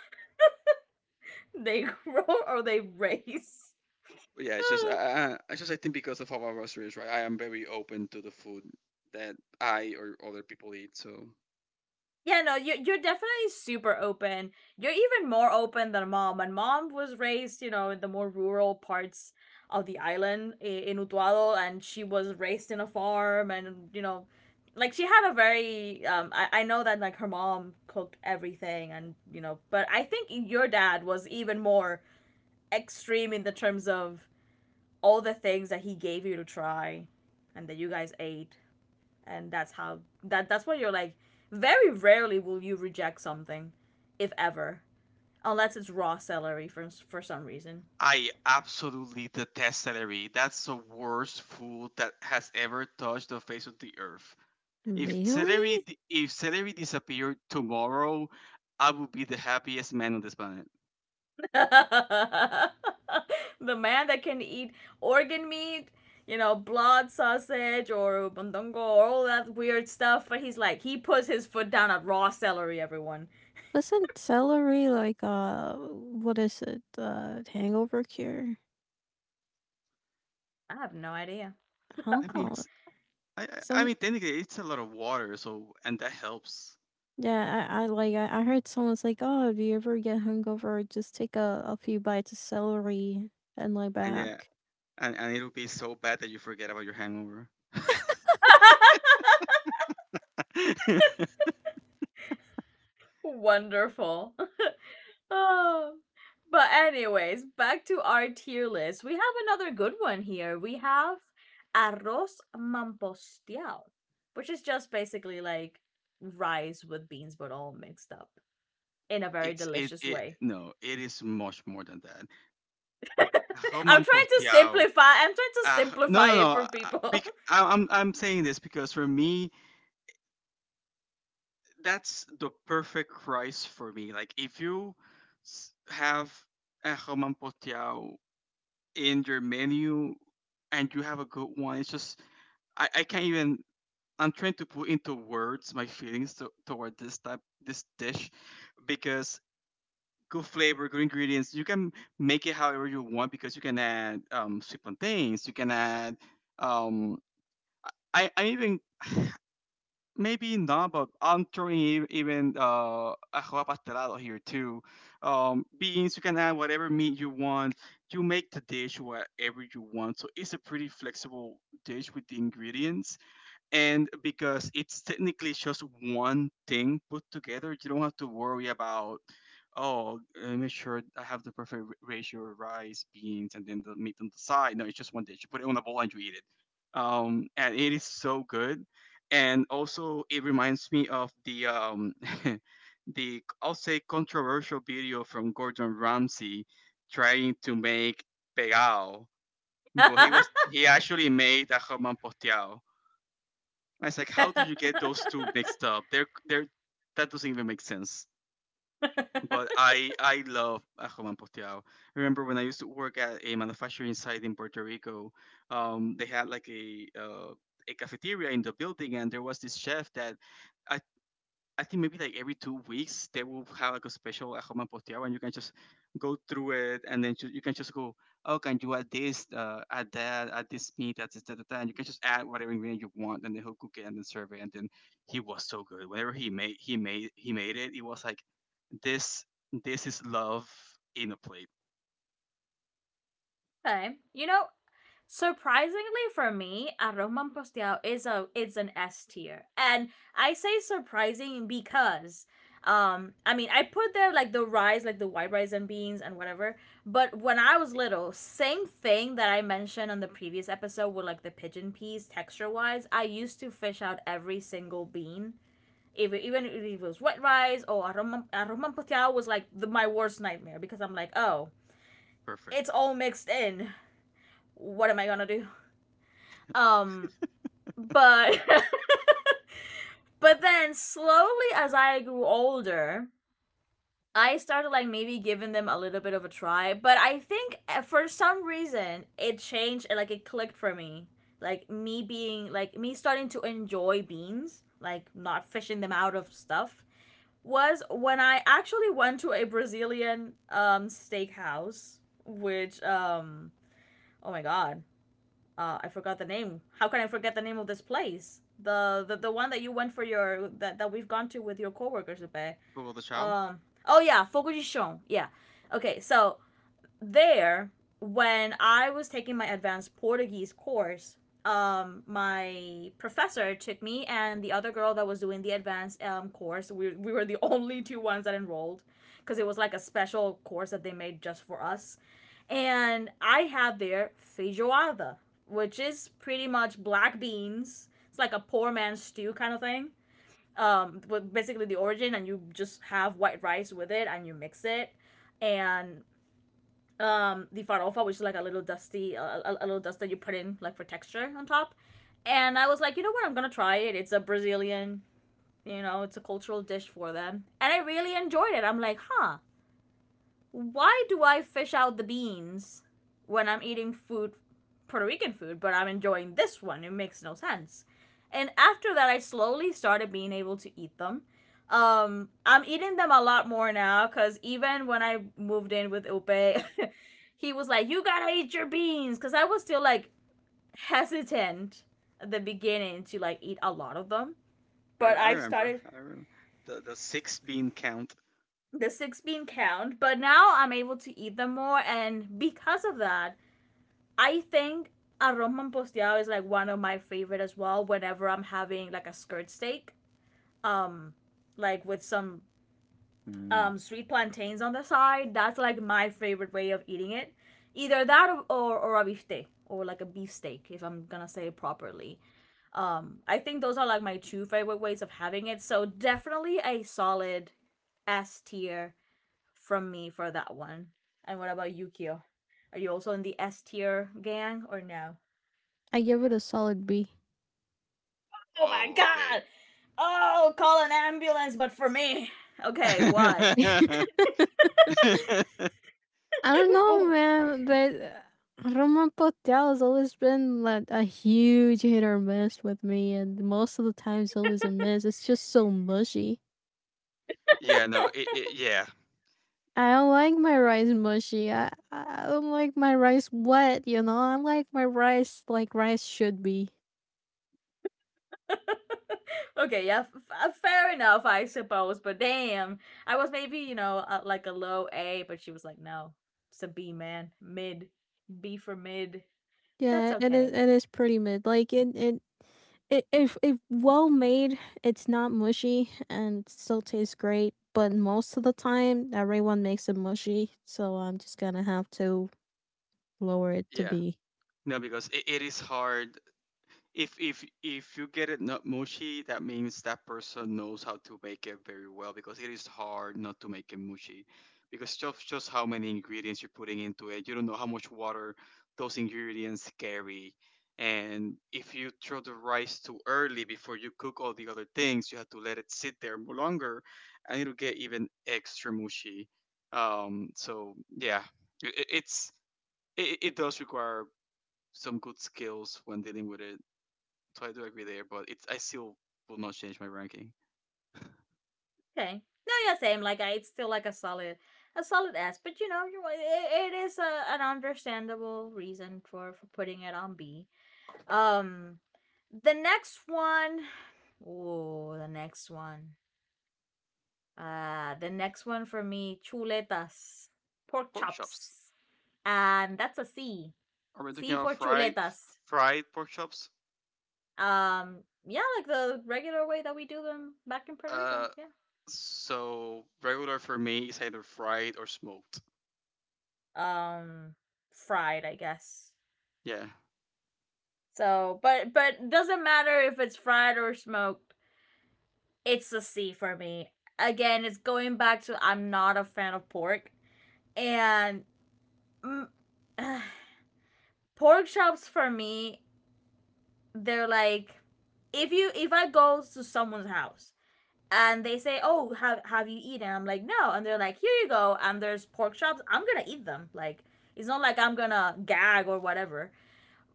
[SPEAKER 1] They grow or they raise?
[SPEAKER 2] But yeah, it's just I think because of how I was raised, right? I am very open to the food that I or other people eat. So
[SPEAKER 1] Yeah, no, you you're definitely super open. You're even more open than mom, and mom was raised, you know, in the more rural parts of the island in Utuado, and she was raised in a farm, and you know, like she had a very. I know that like her mom cooked everything, and you know, but I think your dad was even more extreme in the terms of all the things that he gave you to try, and that you guys ate and that's how that's what you're like very rarely will you reject something if ever unless it's raw celery for some reason
[SPEAKER 2] I absolutely detest celery. That's the worst food that has ever touched the face of the earth. If celery,
[SPEAKER 3] Really?
[SPEAKER 2] if celery disappeared tomorrow, I would be the happiest man on this planet.
[SPEAKER 1] the man that can eat organ meat you know blood sausage or bandongo or all that weird stuff but he's like he puts his foot down at raw celery everyone
[SPEAKER 3] Wasn't celery like what is it? Hangover cure?
[SPEAKER 1] I have no idea
[SPEAKER 3] I don't
[SPEAKER 2] I mean,
[SPEAKER 3] know.
[SPEAKER 2] it's I
[SPEAKER 3] Some
[SPEAKER 2] mean, technically, it's a lot of water, so, and that helps.
[SPEAKER 3] yeah, I heard someone's like, oh, if you ever get hungover, just take a few bites of celery and lay
[SPEAKER 2] And yeah,
[SPEAKER 3] back.
[SPEAKER 2] and it'll be so bad that you forget about your hangover.
[SPEAKER 1] wonderful Oh. But anyways, back to our tier list. We have another good one here. We have arroz mamposteado, which is just basically like rice with beans but all mixed up in a very
[SPEAKER 2] it's it
[SPEAKER 1] delicious
[SPEAKER 2] it
[SPEAKER 1] way.
[SPEAKER 2] No, it is much more than that.
[SPEAKER 1] I'm trying
[SPEAKER 2] Roman
[SPEAKER 1] to
[SPEAKER 2] Postiao.
[SPEAKER 1] simplify. I'm trying to
[SPEAKER 2] No,
[SPEAKER 1] simplify
[SPEAKER 2] no,
[SPEAKER 1] it
[SPEAKER 2] no.
[SPEAKER 1] for people.
[SPEAKER 2] I'm saying this because for me, that's the perfect price for me. Like if you have a Roman Postiao in your menu and you have a good one, it's just I can't even. I'm trying to put into words my feelings toward this type this dish because good flavor, good ingredients. You can make it however you want because you can add sweet plantains. You can add um, I even maybe not, but I'm throwing e- even ajoa pastelado here too. Beans. You can add whatever meat you want. You make the dish whatever you want. So it's a pretty flexible dish with the ingredients. And because it's technically just one thing put together, you don't have to worry about oh make sure I have the perfect ratio of rice, beans, and then the meat on the side. No, it's just one dish, you put it on a bowl and you eat it, and it is so good. And also it reminds me of the the, I'll say, controversial video from Gordon Ramsay trying to make pegao, but he actually made a jamon. I was like, how do you get those two mixed up? They're that doesn't even make sense. But I love a Juan Poteao. Remember when I used to work at a manufacturing site in Puerto Rico? They had like a cafeteria in the building, and there was this chef that I I think maybe like every 2 weeks they will have like a special at home and posteo, and you can just go through it, and then you can just go, oh, can you add this, add that, add this meat, add this, that, that, that, and you can just add whatever ingredient you want, and then he'll cook it and then serve it, and then he was so good. Whenever he made it, it was like this this is love in a plate.
[SPEAKER 1] okay. You know, surprisingly for me, arroz manposteado is a it's an S tier, and I say surprising because, I mean I put there like the rice, like the white rice and beans and whatever. But when I was little, same thing that I mentioned on the previous episode with like the pigeon peas texture wise, I used to fish out every single bean. Even if it was white rice or arroz was like my worst nightmare because I'm like oh
[SPEAKER 2] Perfect.
[SPEAKER 1] it's all mixed in. What am I gonna do? Um, but but then slowly as I grew older, I started like maybe giving them a little bit of a try, but I think for some reason it changed and like it clicked for me. Like me being like me starting to enjoy beans, like not fishing them out of stuff, was when I actually went to a Brazilian steakhouse, which um oh my god, I forgot the name. How can I forget the name of this place? The the one that you went for your that, that we've gone to with your coworkers today.
[SPEAKER 2] Google the chow.
[SPEAKER 1] Um oh yeah, Fogujishon. Yeah. Okay, so there when I was taking my advanced Portuguese course, my professor took me and the other girl that was doing the advanced course. We were the only two ones that enrolled because it was like a special course that they made just for us. And I have their feijoada, which is pretty much black beans. It's like a poor man's stew kind of thing. With basically the origin, and you just have white rice with it, and you mix it, and the farofa, which is like a little dusty, a little dust that you put in like for texture on top. And I was like, you know what? I'm gonna try it. It's a Brazilian, you know, it's a cultural dish for them, and I really enjoyed it. I'm like, huh, why do I fish out the beans when I'm eating food, Puerto Rican food, but I'm enjoying this one? It makes no sense. And after that, I slowly started being able to eat them. I'm eating them a lot more now because even when I moved in with Upe, he was like, "You gotta eat your beans," because I was still like hesitant at the beginning to like eat a lot of them.
[SPEAKER 2] I,
[SPEAKER 1] But
[SPEAKER 2] I
[SPEAKER 1] I've
[SPEAKER 2] remember.
[SPEAKER 1] started
[SPEAKER 2] I remember the six bean count.
[SPEAKER 1] the six bean count, but now I'm able to eat them more, and because of that, I think arroz ron is like one of my favorite as well. Whenever I'm having like a skirt steak, like with some
[SPEAKER 2] Mm.
[SPEAKER 1] sweet plantains on the side, that's like my favorite way of eating it. Either that or or a bifte or like a beef steak if I'm gonna say it properly. I think those are like my two favorite ways of having it. So definitely a solid S tier from me for that one. And what about you, Kyo? Are you also in the S tier gang or no?
[SPEAKER 3] I give it a solid B.
[SPEAKER 1] Oh my
[SPEAKER 2] Oh,
[SPEAKER 1] god! Oh, call an ambulance, but for me. Okay, why?
[SPEAKER 2] okay.
[SPEAKER 3] I don't know, man, but Roman Potel has always been like a huge hit or miss with me, and most of the time it's always a miss. It's just so mushy.
[SPEAKER 2] Yeah, no, it, it yeah,
[SPEAKER 3] I don't like my rice mushy. I don't like my rice wet, you know? I like my rice like rice should be.
[SPEAKER 1] Okay, yeah, fair enough, I suppose. But damn, I was maybe like a low A, but she was like, no, it's a B, man, mid, B for mid. That's
[SPEAKER 3] Yeah, and
[SPEAKER 1] okay.
[SPEAKER 3] it is pretty mid. Like it if well made, it's not mushy and it still tastes great. But most of the time, everyone makes it mushy, so I'm just gonna have to lower it to
[SPEAKER 2] yeah.
[SPEAKER 3] B.
[SPEAKER 2] No, because it is hard. If you get it not mushy, that means that person knows how to make it very well, because it is hard not to make it mushy. Because just how many ingredients you're putting into it, you don't know how much water those ingredients carry. And if you throw the rice too early before you cook all the other things, you have to let it sit there more longer, and it'll get even extra mushy. So yeah, it's, it does require some good skills when dealing with it. So I do agree there, but it's I still will not change my ranking.
[SPEAKER 1] Okay, no, yeah, same. It's still like a solid S. But you know, it is an understandable reason for putting it on B. Um, the next one. Oh, the next one. The next one for me, chuletas, pork
[SPEAKER 2] Pork chops.
[SPEAKER 1] chops, and that's a C.
[SPEAKER 2] Are we talking
[SPEAKER 1] C
[SPEAKER 2] about
[SPEAKER 1] for chuletas.
[SPEAKER 2] fried pork chops?
[SPEAKER 1] Yeah, like the regular way that we do them back in Puerto Rico.
[SPEAKER 2] Uh,
[SPEAKER 1] Yeah.
[SPEAKER 2] so regular for me is either fried or smoked.
[SPEAKER 1] Um, Fried, I guess.
[SPEAKER 2] Yeah.
[SPEAKER 1] So, but doesn't matter if it's fried or smoked. It's a C for me. Again, it's going back to I'm not a fan of pork, and mm, uh, pork chops for me, they're like if you if I go to someone's house and they say, "Oh, have you eaten?" I'm like, "No," and they're like, "Here you go." And there's pork chops. I'm gonna eat them. Like it's not like I'm gonna gag or whatever.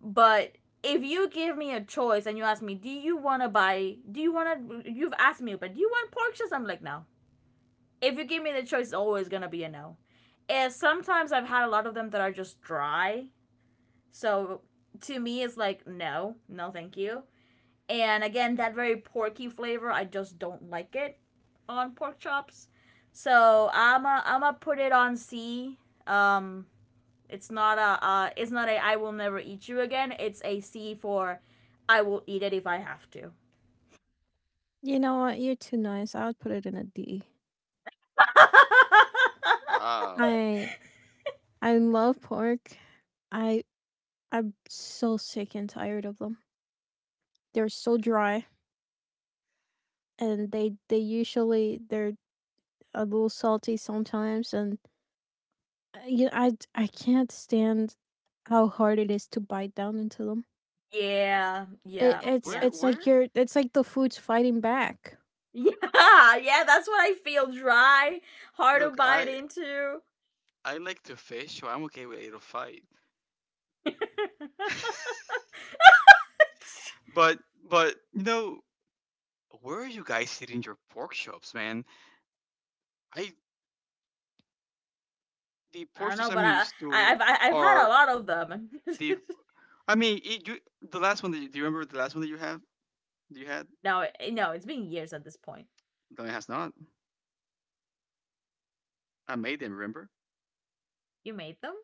[SPEAKER 1] But if you give me a choice and you ask me, "Do you wanna buy? Do you wanna?" You've asked me, but do you want pork chops? I'm like, no. If you give me the choice, it's always gonna be a no. And sometimes I've had a lot of them that are just dry. So to me, it's like, no, no, thank you. And again, that very porky flavor, I just don't like it on pork chops. So I'm a put it on C. Um, it's not a I will never eat you again. It's a C for I will eat it if I have to.
[SPEAKER 3] You know what? You're too nice. I would put it in a D.
[SPEAKER 2] Wow.
[SPEAKER 3] I I love pork. I I'm so sick and tired of them. They're so dry, and they usually they're a little salty sometimes, and you I can't stand how hard it is to bite down into them.
[SPEAKER 1] Yeah,
[SPEAKER 3] It,
[SPEAKER 1] yeah,
[SPEAKER 2] Bro,
[SPEAKER 3] it's
[SPEAKER 1] yeah.
[SPEAKER 3] it's like
[SPEAKER 2] where
[SPEAKER 3] you're it's like the food's fighting back.
[SPEAKER 1] Yeah, yeah, that's what I feel, dry, hard to
[SPEAKER 2] look,
[SPEAKER 1] bite into.
[SPEAKER 2] I like to fish, so I'm okay with eight or. But but you know, where are you guys hitting your pork chops, man? I The
[SPEAKER 1] I
[SPEAKER 2] pork
[SPEAKER 1] don't
[SPEAKER 2] chops
[SPEAKER 1] know,
[SPEAKER 2] I'm
[SPEAKER 1] but
[SPEAKER 2] used to
[SPEAKER 1] I've had a
[SPEAKER 2] are
[SPEAKER 1] lot of them.
[SPEAKER 2] the. I mean, the last one that do you remember the last one that you had?
[SPEAKER 1] No, no, it's been years at this point.
[SPEAKER 2] No, it has not. I made them, remember?
[SPEAKER 1] You made them?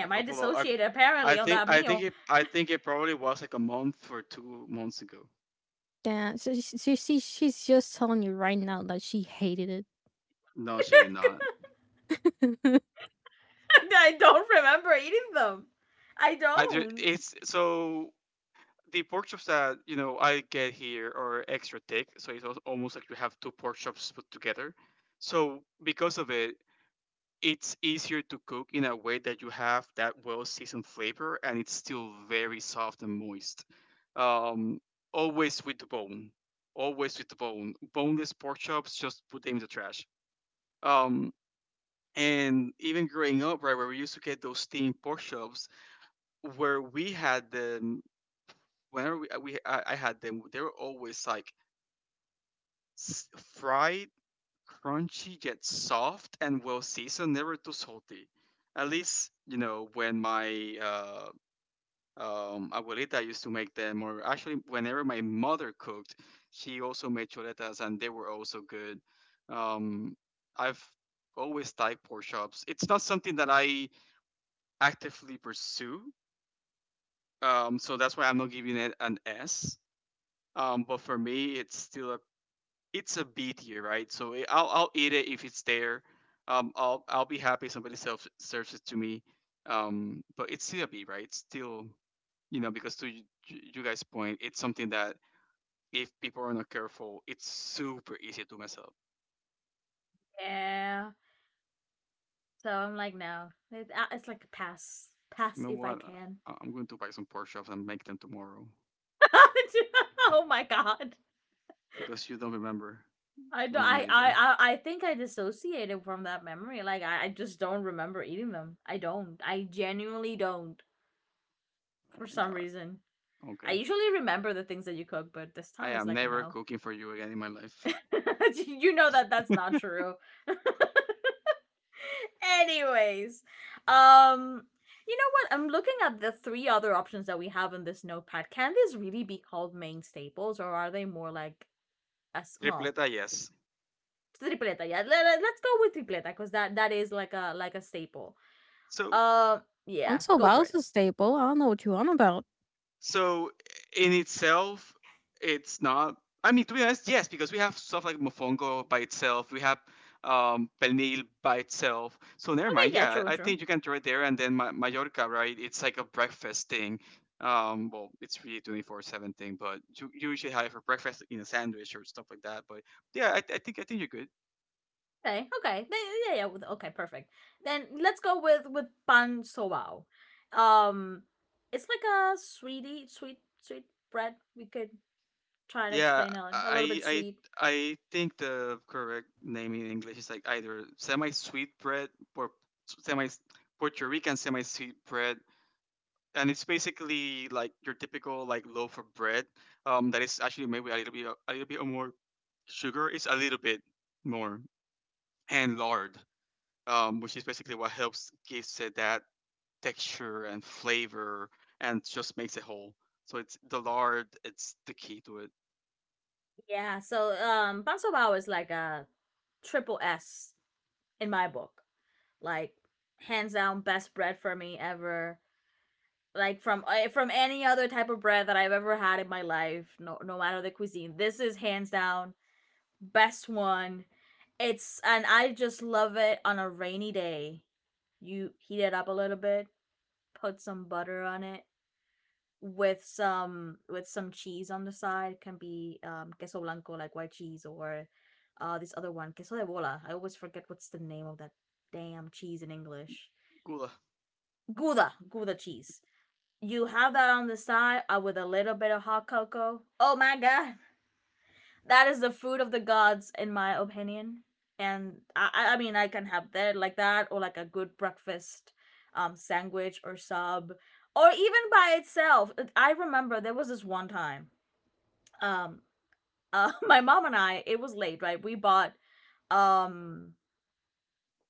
[SPEAKER 2] A
[SPEAKER 1] I
[SPEAKER 2] couple of
[SPEAKER 1] dissociated apparently on that meal.
[SPEAKER 2] I think it probably was like a month or 2 months ago.
[SPEAKER 3] Yeah, so she's just telling you right now that she hated
[SPEAKER 2] No, she did not.
[SPEAKER 3] it.
[SPEAKER 1] I don't remember eating them. I don't.
[SPEAKER 2] It's so the pork chops that you know I get here are extra thick, so it's almost like you have two pork chops put together. So because of it, it's easier to cook in a way that you have that well seasoned flavor, and it's still very soft and moist. Um, Always with the bone, always with the bone. Boneless pork chops, just put them in the trash. Um, and even growing up, right, where we used to get those steamed pork chops, where we had them whenever I had them, they were always like s- fried, crunchy yet soft and well seasoned, never too salty. At least you know when my abuelita used to make them, or actually whenever my mother cooked, she also made chuletas, and they were also good. Um, I've always liked pork chops. It's not something that I actively pursue, so that's why I'm not giving it an S. But for me, it's still a it's a B tier, right? So I'll eat it if it's there. I'll be happy if somebody self serves it to me. But it's still a B, right? It's still, you know, because to you guys' point, it's something that if people are not careful, it's super easy to mess up.
[SPEAKER 1] Yeah. So I'm like, no. It's like a pass.
[SPEAKER 2] You
[SPEAKER 1] Pass
[SPEAKER 2] know
[SPEAKER 1] if I
[SPEAKER 2] what?
[SPEAKER 1] can.
[SPEAKER 2] I'm going to buy some pork chops and make them tomorrow
[SPEAKER 1] Oh my god.
[SPEAKER 2] because you don't remember
[SPEAKER 1] I don't.
[SPEAKER 2] when I made them.
[SPEAKER 1] I think I dissociated from that memory. I just don't remember eating them. I don't. I genuinely don't.
[SPEAKER 2] Oh
[SPEAKER 1] For
[SPEAKER 2] my
[SPEAKER 1] some
[SPEAKER 2] god.
[SPEAKER 1] reason, I
[SPEAKER 2] Okay.
[SPEAKER 1] usually remember the things that you cook, but this
[SPEAKER 2] I
[SPEAKER 1] time it's
[SPEAKER 2] am
[SPEAKER 1] like a
[SPEAKER 2] never
[SPEAKER 1] no.
[SPEAKER 2] cooking for you again in my life.
[SPEAKER 1] You know that that's not true. Anyways, um you know what? I'm looking at the three other options that we have in this notepad. Can these really be called main staples or are they more like as well,
[SPEAKER 2] Tripleta, yes.
[SPEAKER 1] tripleta. Yeah, let us go with tripleta cuz that is like a staple. Um,
[SPEAKER 2] So
[SPEAKER 1] Uh yeah,
[SPEAKER 3] Until
[SPEAKER 1] go for
[SPEAKER 3] Bowl's
[SPEAKER 1] it.
[SPEAKER 3] a staple, I don't know what you on about.
[SPEAKER 2] So in itself, it's not. I mean, to be honest, yes, because we have stuff like Mofongo by itself. We have Penil by itself. So never mind.
[SPEAKER 1] Okay, yeah,
[SPEAKER 2] Yeah,
[SPEAKER 1] true,
[SPEAKER 2] I
[SPEAKER 1] true.
[SPEAKER 2] think you can try there and then Mallorca, right? It's like a breakfast thing. Well, it's really 24/7 thing, but you usually have it for breakfast in a sandwich or stuff like that. But yeah, I think you're good.
[SPEAKER 1] Okay, okay. Yeah, yeah, okay, perfect. Then let's go with pan sobao. Um it's like a sweet bread. We could try to
[SPEAKER 2] Yeah,
[SPEAKER 1] explain it like, a little
[SPEAKER 2] I
[SPEAKER 1] bit
[SPEAKER 2] I
[SPEAKER 1] sweet.
[SPEAKER 2] I think the correct name in English is like either semi-sweet bread or semi Puerto Rican semi-sweet bread, and it's basically like your typical like loaf of bread, that is actually maybe a little bit more sugar. It's a little bit more, and lard, which is basically what helps gives it that texture and flavor, and just makes it whole. So it's the lard. It's the key to it.
[SPEAKER 1] Yeah, so Banso Bao is like a triple S in my book. Like hands down best bread for me ever. Like from any other type of bread that I've ever had in my life, no matter the cuisine. This is hands down best one. It's and I just love it on a rainy day. You heat it up a little bit, put some butter on it, with some cheese on the side, can be queso blanco like white cheese, or this other one, queso de bola. I always forget what's the name of that damn cheese in English.
[SPEAKER 2] Gula.
[SPEAKER 1] Gouda, gouda cheese. You have that on the side, with a little bit of hot cocoa. Oh my god, that is the food of the gods in my opinion. And I mean, I can have that like that, or like a good breakfast sandwich or sub, or even by itself. I remember there was this one time, um my mom and I, it was late, right? We bought um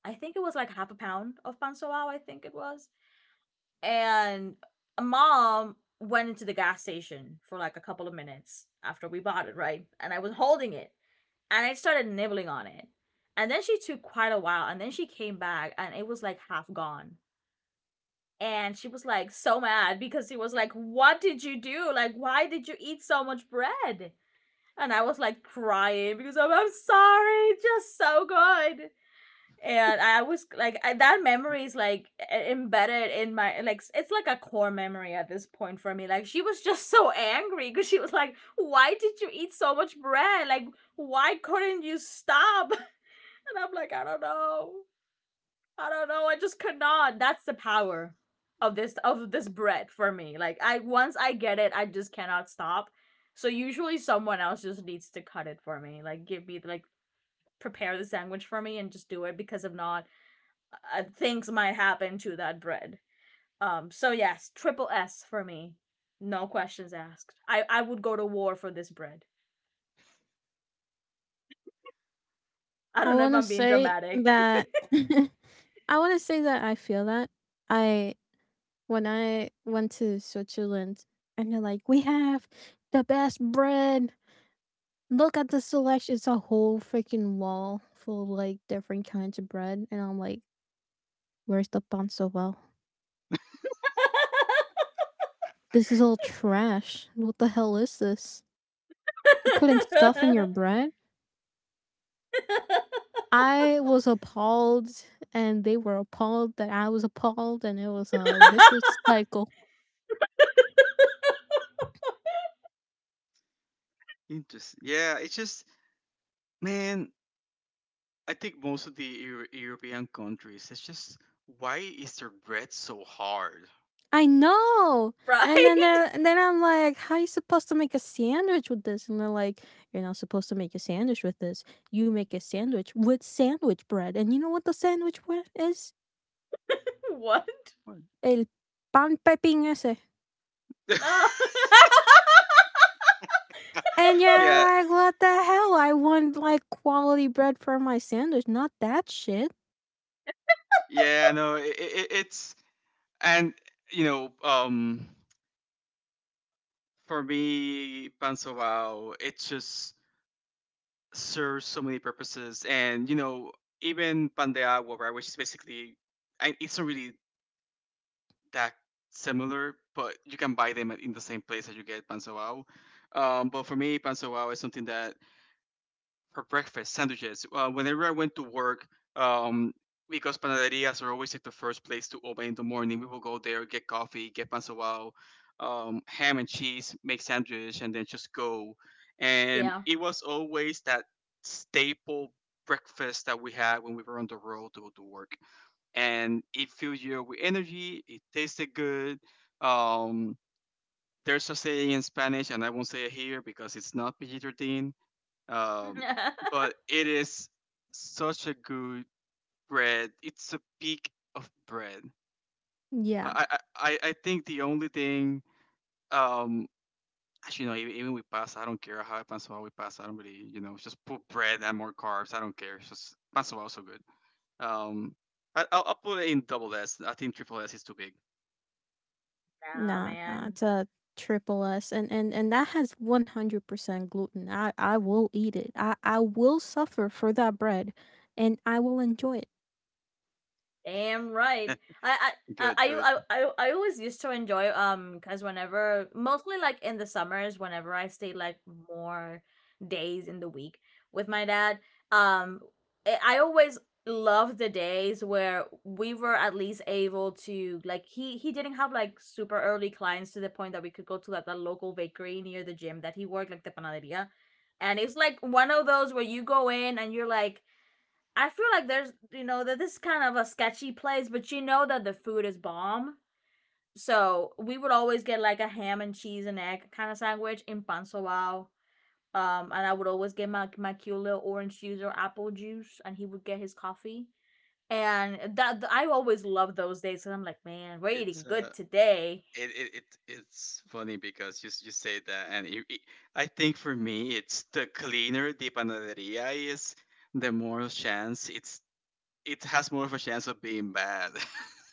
[SPEAKER 1] I think it was like half a pound of pan soao, I think it was. And mom went into the gas station for like a couple of minutes after we bought it, right? And I was holding it, and I started nibbling on it. And then she took quite a while, and then she came back and it was like half gone. And she was like so mad, because she was like, "What did you do? Like, why did you eat so much bread?" And I was like crying because I'm sorry, just so good. And I was like, I, that memory is like embedded in my, like it's like a core memory at this point for me. Like she was just so angry because she was like, "Why did you eat so much bread? Like why couldn't you stop?" And I'm like, "I don't know." I don't know. I just could not. That's the power of this bread for me. Like, I once I get it, I just cannot stop. So usually someone else just needs to cut it for me. Like give me, like prepare the sandwich for me and just do it, because if not, things might happen to that bread. So yes, triple S for me. No questions asked. I would go to war for this bread. I
[SPEAKER 3] I
[SPEAKER 1] don't know if
[SPEAKER 3] want to
[SPEAKER 1] I'm being
[SPEAKER 3] say
[SPEAKER 1] dramatic.
[SPEAKER 3] that I want to say that I feel that I when I went to Switzerland and they're like, "We have the best bread. Look at the selection. It's a whole freaking wall full of like different kinds of bread." And I'm like, "Where's the pan So well, this is all trash. What the hell is this? You're putting stuff in your bread?" I was appalled, and they were appalled that I was appalled, and it was a vicious cycle.
[SPEAKER 2] Interesting. Yeah, it's just man. I think most of the European countries, it's just why is their bread so hard?
[SPEAKER 3] I know. And then
[SPEAKER 1] Right?
[SPEAKER 3] they're- and then I'm like, how are you supposed to make a sandwich with this? And they're like, you're not supposed to make a sandwich with this. You make a sandwich with sandwich bread. And you know what the sandwich bread is?
[SPEAKER 1] What?
[SPEAKER 2] What?
[SPEAKER 3] El pan pepin ese.
[SPEAKER 1] Oh.
[SPEAKER 3] And you're
[SPEAKER 2] yeah,
[SPEAKER 3] like, what the hell? I want like quality bread for my sandwich, not that shit.
[SPEAKER 2] yeah. No, it, it's, and you know, for me, pansawao, it just serves so many purposes, and you know, even pandeagua, right, which is basically, it's not really that similar, but you can buy them in the same place that you get pan Wow. But for me, pan Wow is something that for breakfast sandwiches. Whenever I went to work, um, because panaderias are always like the first place to open in the morning, we will go there, get coffee, get pan Wow, ham and cheese, make sandwich, and then just go. And
[SPEAKER 1] Yeah.
[SPEAKER 2] it was always that staple breakfast that we had when we were on the road to go to work, and it fills you up with energy. It tasted good. Um, there's a saying in Spanish, and I won't say it here because it's not PG-13. Um, but it is such a good bread. It's a peak of bread.
[SPEAKER 3] Yeah.
[SPEAKER 2] I think the only thing, um actually no even even with pasta I don't care how I pan suave with pasta, I don't really, you know, just put bread and more carbs, I don't care, it's just pan suave is so good. Um, I'll put it in double S. I think triple S is too big.
[SPEAKER 1] Nah,
[SPEAKER 3] Nah, nah,
[SPEAKER 1] man.
[SPEAKER 3] it's a triple S, and and that has 100% gluten. I will eat it. I will suffer for that bread, and I will enjoy it.
[SPEAKER 1] Damn right. I
[SPEAKER 2] Good, good.
[SPEAKER 1] I always used to enjoy, because whenever, mostly like in the summers, whenever I stayed like more days in the week with my dad, um I always loved the days where we were at least able to, like he didn't have like super early clients, to the point that we could go to like the local bakery near the gym that he worked, like the panaderia. And it's like one of those where you go in and you're like, I feel like there's, you know, that this is kind of a sketchy place, but you know that the food is bomb. So we would always get like a ham and cheese and egg kind of sandwich in Pansawao. And I would always get my cute little orange juice or apple juice, and he would get his coffee. And that, I always loved those days because I'm like, man, we're
[SPEAKER 2] It's
[SPEAKER 1] eating good today.
[SPEAKER 2] it, it, it It's funny because you say that, and I think for me, it's the cleaner the panaderia is, the more chance it's it has more of a chance of being bad.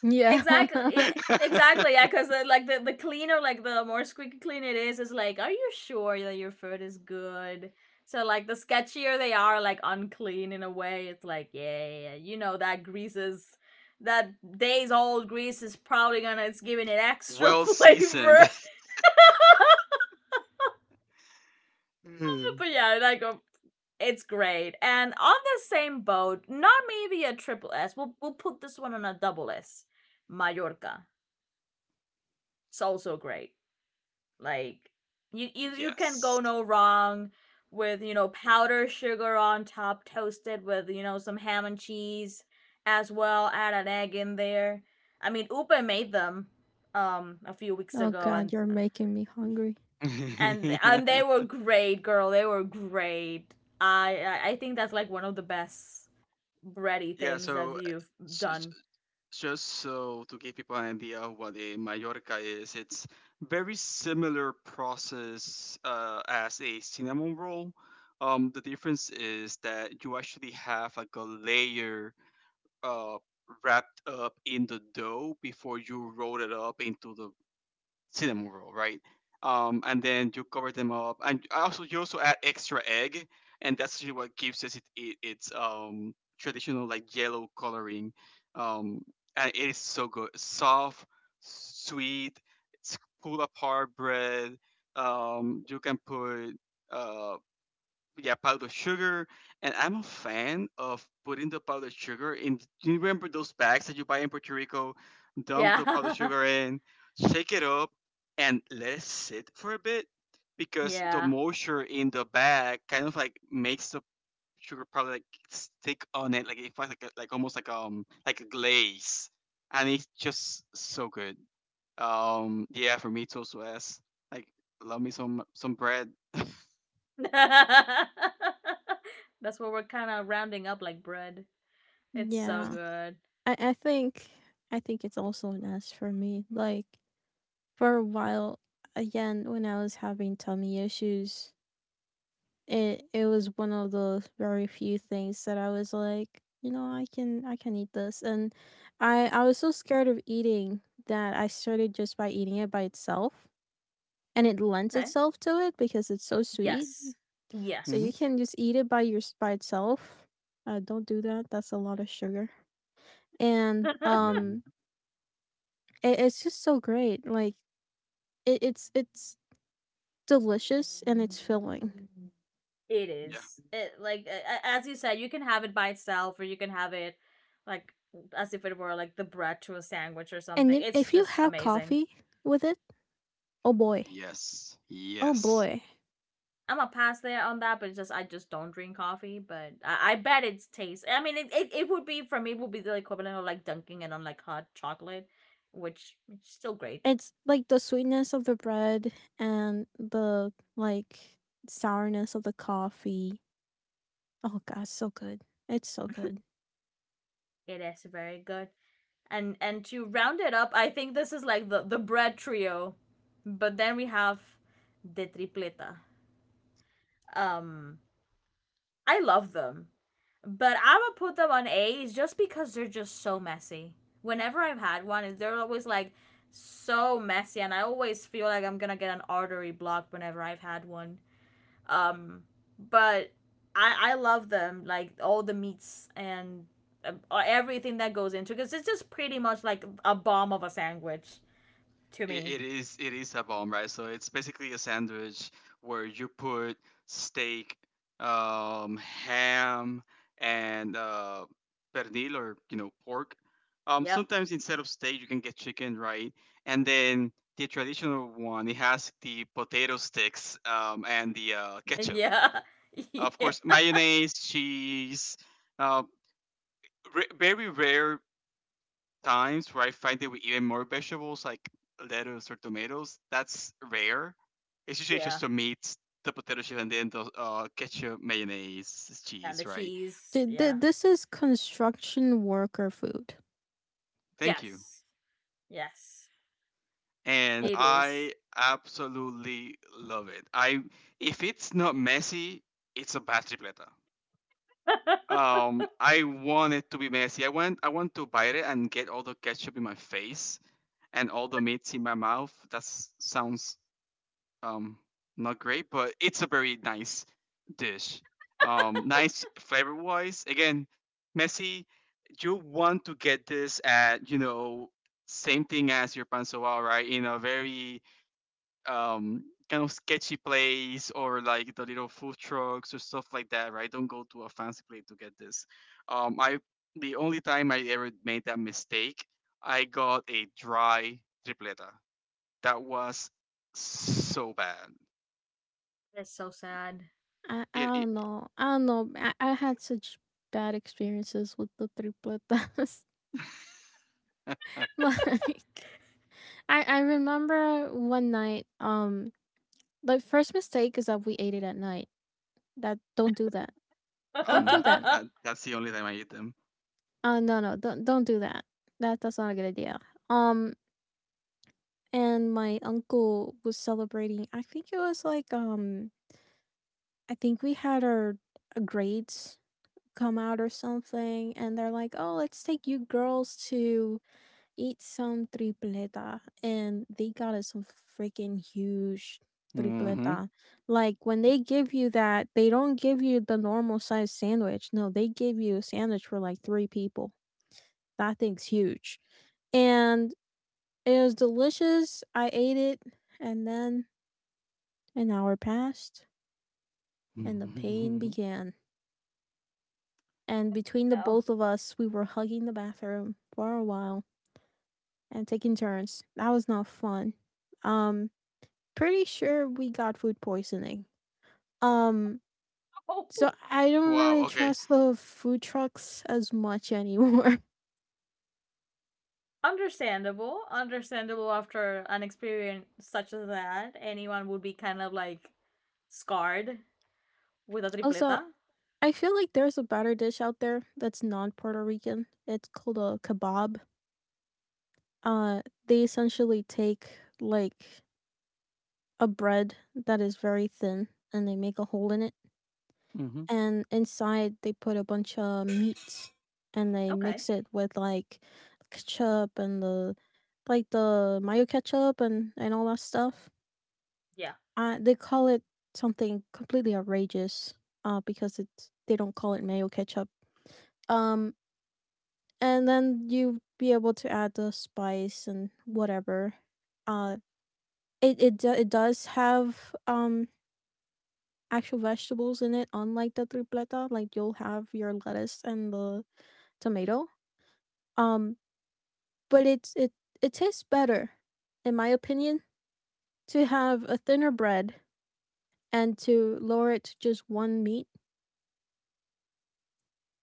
[SPEAKER 3] Yeah.
[SPEAKER 1] Exactly. Yeah, exactly. Yeah, because like the cleaner, like the more squeaky clean it is like, are you sure that your food is good? So like the sketchier they are, like unclean in a way, it's like, yeah, yeah, yeah, you know that grease is, that days old grease is probably gonna, it's giving it extra
[SPEAKER 2] Well seasoned.
[SPEAKER 1] flavor.
[SPEAKER 2] Mm.
[SPEAKER 1] But yeah, like it's great. And on the same boat, not maybe a triple S. We'll put this one on a double S. Mallorca. It's also great. Like you can go
[SPEAKER 2] Yes.
[SPEAKER 1] no wrong with, you know, powdered sugar on top, toasted with, you know, some ham and cheese as well, add an egg in there. I mean, Upa made them a few weeks
[SPEAKER 3] Oh
[SPEAKER 1] ago,
[SPEAKER 3] God,
[SPEAKER 1] and
[SPEAKER 3] you're making me hungry.
[SPEAKER 1] they were great, girl. They were great. I think that's like one of the best bready
[SPEAKER 2] Yeah.
[SPEAKER 1] things that you've
[SPEAKER 2] S- s-
[SPEAKER 1] done.
[SPEAKER 2] Just so to give people an idea of what a Mallorca is, it's very similar process as a cinnamon roll. The difference is that you actually have like a layer uh, wrapped up in the dough before you roll it up into the cinnamon roll, right? And then you cover them up, and I also you also add extra egg, and that's actually what gives us it, its traditional like yellow coloring. Um, and it is so good, soft, sweet. It's pull apart bread. You can put uh yeah, powdered sugar. And I'm a fan of putting the powdered sugar in. Do you remember those bags that you buy in Puerto Rico? Dump the powdered
[SPEAKER 1] Yeah.
[SPEAKER 2] sugar in, shake it up, and let it sit for a bit, because the
[SPEAKER 1] Yeah.
[SPEAKER 2] moisture in the bag kind of like makes the sugar powder like stick on it, like it feels like like almost like a glaze, and it's just so good. Yeah, for me, toast was like, love me some bread.
[SPEAKER 1] That's what we're kind of rounding up, like bread. It's so
[SPEAKER 3] Yeah,
[SPEAKER 1] good.
[SPEAKER 3] I I think I think it's also an S for me. Like for a while, again, when I was having tummy issues. It was one of those very few things that I was like, you know, I can eat this, and I was so scared of eating that I started just by eating it by itself, and it lends
[SPEAKER 1] Okay.
[SPEAKER 3] itself to it because it's so sweet.
[SPEAKER 1] Yes.
[SPEAKER 3] So
[SPEAKER 2] Hmm.
[SPEAKER 3] you
[SPEAKER 1] Yes.
[SPEAKER 3] can just eat it by your by itself. Don't do that. That's a lot of sugar, and
[SPEAKER 1] It
[SPEAKER 2] Mhm.
[SPEAKER 3] it's just so great. Like it's it's delicious and it's filling.
[SPEAKER 2] Yeah.
[SPEAKER 1] is. It, like, a- as you said, you can have it by itself, or you can have it like as if it were like the bread to a sandwich or
[SPEAKER 3] And
[SPEAKER 1] something.
[SPEAKER 3] if
[SPEAKER 1] It's
[SPEAKER 3] if you
[SPEAKER 1] just
[SPEAKER 3] have
[SPEAKER 1] amazing.
[SPEAKER 3] coffee with it, oh boy,
[SPEAKER 2] Yes,
[SPEAKER 3] oh
[SPEAKER 2] yes.
[SPEAKER 3] boy.
[SPEAKER 1] I'm a pass there on that, but it's just I just don't drink coffee. But I bet it's taste. I mean, it would be for me, it would be the equivalent of like dunking it on like hot chocolate, which is still great.
[SPEAKER 3] It's like the sweetness of the bread and the like sourness of the coffee. Oh god, so good. It's so good.
[SPEAKER 1] It is very good. And to round it up, I think this is like the bread trio. But then we have De Tripleta. Um, I love them, but I'm gonna put them on A's just because they're just so messy. Whenever I've had one, they're always like so messy, and I always feel like I'm gonna get an artery blocked whenever I've had one. Um, but I love them, like all the meats and uh, everything that goes into it, because it's just pretty much like a bomb of a sandwich to me.
[SPEAKER 2] It is a bomb, right? So it's basically a sandwich where you put steak, ham, and pernil or you know pork.
[SPEAKER 1] Yep.
[SPEAKER 2] Sometimes instead of steak, you can get chicken, right? And then the traditional one, it has the potato sticks and the ketchup.
[SPEAKER 1] Yeah.
[SPEAKER 2] Of course,
[SPEAKER 1] Yeah.
[SPEAKER 2] mayonnaise, cheese. Uh, Very rare times where I find it with even more vegetables like lettuce or tomatoes. That's rare. It's usually
[SPEAKER 1] Yeah.
[SPEAKER 2] just the meat, the potato chip, and then the ketchup, mayonnaise,
[SPEAKER 1] And the
[SPEAKER 2] cheese, right?
[SPEAKER 1] cheese.
[SPEAKER 3] Th-
[SPEAKER 1] Yeah.
[SPEAKER 3] th- this is construction worker food.
[SPEAKER 2] Thank you.
[SPEAKER 1] Yes. Yes.
[SPEAKER 2] And
[SPEAKER 3] Like,
[SPEAKER 1] It is.
[SPEAKER 2] I absolutely love it. I If it's not messy, it's a bad tripleta. I want it to be messy. I want to bite it and get all the ketchup in my face and all the meats in my mouth. That sounds um not great, but it's a very nice dish. Nice flavor wise. Again, Messi, you want to get this at you know same thing as your pansoa, right? In a very kind of sketchy place or like the little food trucks or stuff like that, right? Don't go to a fancy place to get this. I The only time I ever made that mistake, I got a dry tripleta. That was so bad.
[SPEAKER 1] That's so sad.
[SPEAKER 3] I
[SPEAKER 2] It
[SPEAKER 3] don't know. I don't know. I had such bad experiences with the tripletas.
[SPEAKER 2] Uh,
[SPEAKER 3] like I remember one night the first mistake is that we ate it at night. That don't do that. Don't do
[SPEAKER 2] um
[SPEAKER 3] that.
[SPEAKER 1] No.
[SPEAKER 2] that that's the only time I eat them.
[SPEAKER 3] No, no, don't do that. That's not a good idea. Um, and my uncle was celebrating. I think it was like I think we had our grades come out or something, and they're like, "Oh, let's take you girls to eat some tripleta," and they got us some freaking huge
[SPEAKER 2] Mhm.
[SPEAKER 3] tripleta. Like when they give you that, they don't give you the normal size sandwich. No, they give you a sandwich for like three people. That thing's huge. And it was delicious. I ate it, and then an hour passed, and the pain
[SPEAKER 2] Mhm.
[SPEAKER 3] began. And between the both of us, we were hugging the bathroom for a while and taking turns. That was not fun. Um, Pretty sure we got food poisoning. Um, so I don't
[SPEAKER 2] Wow.
[SPEAKER 3] really
[SPEAKER 2] Okay.
[SPEAKER 3] trust the food trucks as much anymore.
[SPEAKER 1] Understandable. Understandable after an experience such as that. Anyone would be kind of like scarred with a
[SPEAKER 3] also,
[SPEAKER 1] tripleta.
[SPEAKER 3] I feel like there's a batter dish out there that's non Puerto Rican. It's called a kebab. Uh, they essentially take like a bread that is very thin and they make a hole in it.
[SPEAKER 2] Mhm.
[SPEAKER 3] And inside, they put a bunch of meats and they
[SPEAKER 1] Okay.
[SPEAKER 3] mix it with like ketchup and the like the mayo ketchup and all that stuff.
[SPEAKER 1] Yeah.
[SPEAKER 3] They call it something completely outrageous because they don't call it mayo ketchup. Um, and then you be able to add the spice and whatever. Uh, it does have, actual vegetables in it, unlike the tripleta, like, you'll have your lettuce and the tomato, um, but it it tastes better, in my opinion, to have a thinner bread and to lower it to just 1 meat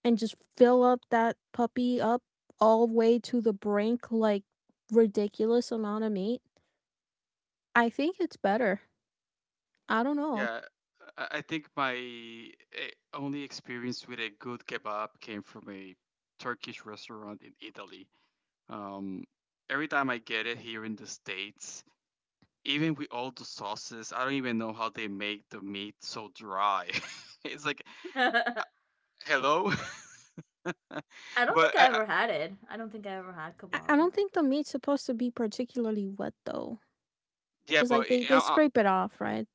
[SPEAKER 3] and just fill up that puppy up all the way to the brink, like, ridiculous amount of meat. I think it's better. I don't know.
[SPEAKER 2] Yeah. I think my only experience with a good kebab came from a Turkish restaurant in Italy. Um, every time I get it here in the States, even with all the sauces, I don't even know how they make the meat so dry. It's like,
[SPEAKER 1] I
[SPEAKER 2] hello?
[SPEAKER 1] don't think
[SPEAKER 2] but
[SPEAKER 1] I
[SPEAKER 2] I,
[SPEAKER 1] ever had it. I don't think I ever had
[SPEAKER 3] I
[SPEAKER 1] kebab,
[SPEAKER 3] I
[SPEAKER 1] no.
[SPEAKER 3] don't think the meat's supposed to be particularly wet, though.
[SPEAKER 2] yeah,
[SPEAKER 3] 'Cause,
[SPEAKER 2] but
[SPEAKER 3] like,
[SPEAKER 2] eh,
[SPEAKER 3] they
[SPEAKER 2] I,
[SPEAKER 3] scrape it off, right?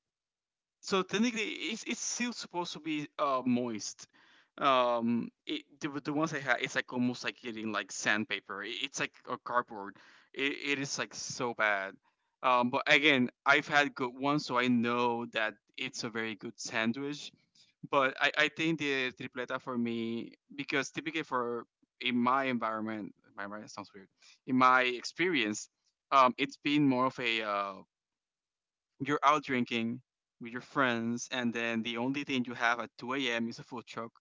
[SPEAKER 2] So technically, it's still supposed to be moist. The ones I had, it's like almost like getting like sandpaper. It, it's like a cardboard. It is like so bad. But again, I've had good ones, so I know that it's a very good sandwich. But I think the tripleta for me because typically for in my environment sounds weird. In my experience, it's been more of a you're out drinking with your friends, and then the only thing you have at 2 a.m. is a food truck,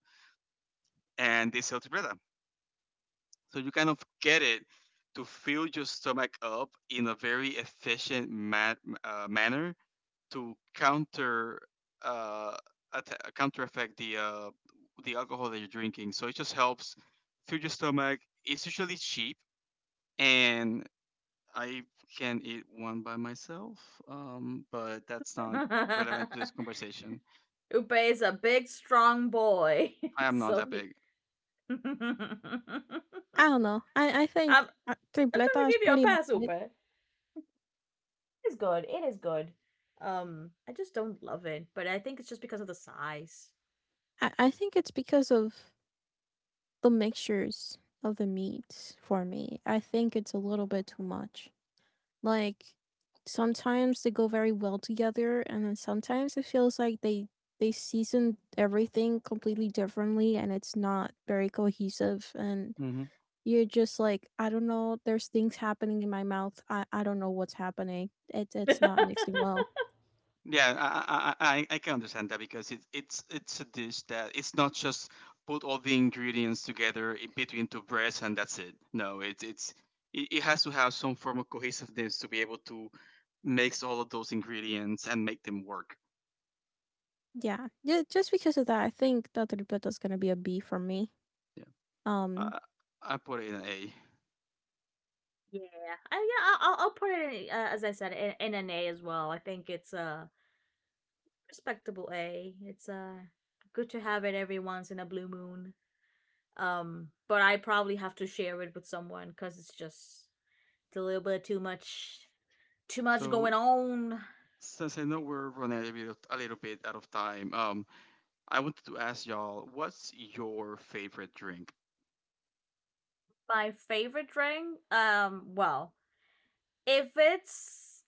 [SPEAKER 2] and they sell tibretta. So you kind of get it to fill your stomach up in a very efficient manner to counter uh, counter effect the alcohol that you're drinking. So it just helps fill your stomach. It's usually cheap, and I can eat one by myself, but that's not relevant to this conversation.
[SPEAKER 1] Upe is a big, strong boy.
[SPEAKER 2] I am not
[SPEAKER 1] So
[SPEAKER 2] that
[SPEAKER 1] he.
[SPEAKER 2] big.
[SPEAKER 1] I'm
[SPEAKER 3] I don't know. I think,
[SPEAKER 1] trying to
[SPEAKER 3] tripleta is
[SPEAKER 1] give you a
[SPEAKER 3] pretty
[SPEAKER 1] pass,
[SPEAKER 3] alright.
[SPEAKER 1] Upe. It's good. It is good. I just don't love it, but I think it's just because of the size.
[SPEAKER 3] I think it's because of the mixtures of the meats for me. I think it's a little bit too much. Like, sometimes they go very well together, and then sometimes it feels like they season everything completely differently, and it's not very cohesive, and
[SPEAKER 2] Hmm.
[SPEAKER 3] you're just like, "I don't know, there's things happening in my mouth. I don't know what's happening. It's not mixing well."
[SPEAKER 2] Yeah, I can understand that because it's a dish that it's not just put all the ingredients together in between two breads and that's it. No, it has to have some form of cohesiveness to be able to mix all of those ingredients and make them work.
[SPEAKER 3] Yeah. Just because of that, I think the tripleta is gonna be a B for me.
[SPEAKER 2] Yeah,
[SPEAKER 3] Um,
[SPEAKER 2] I, I put it in an A.
[SPEAKER 1] Yeah. I'll put it in, as I said, in an A as well. I think it's respectable A. It's good to have it every once in a blue moon. But I probably have to share it with someone because it's a little bit too much
[SPEAKER 2] So
[SPEAKER 1] going on.
[SPEAKER 2] since I know we're running a little bit out of time, I wanted to ask y'all, what's your favorite drink?
[SPEAKER 1] My favorite drink, well, if it's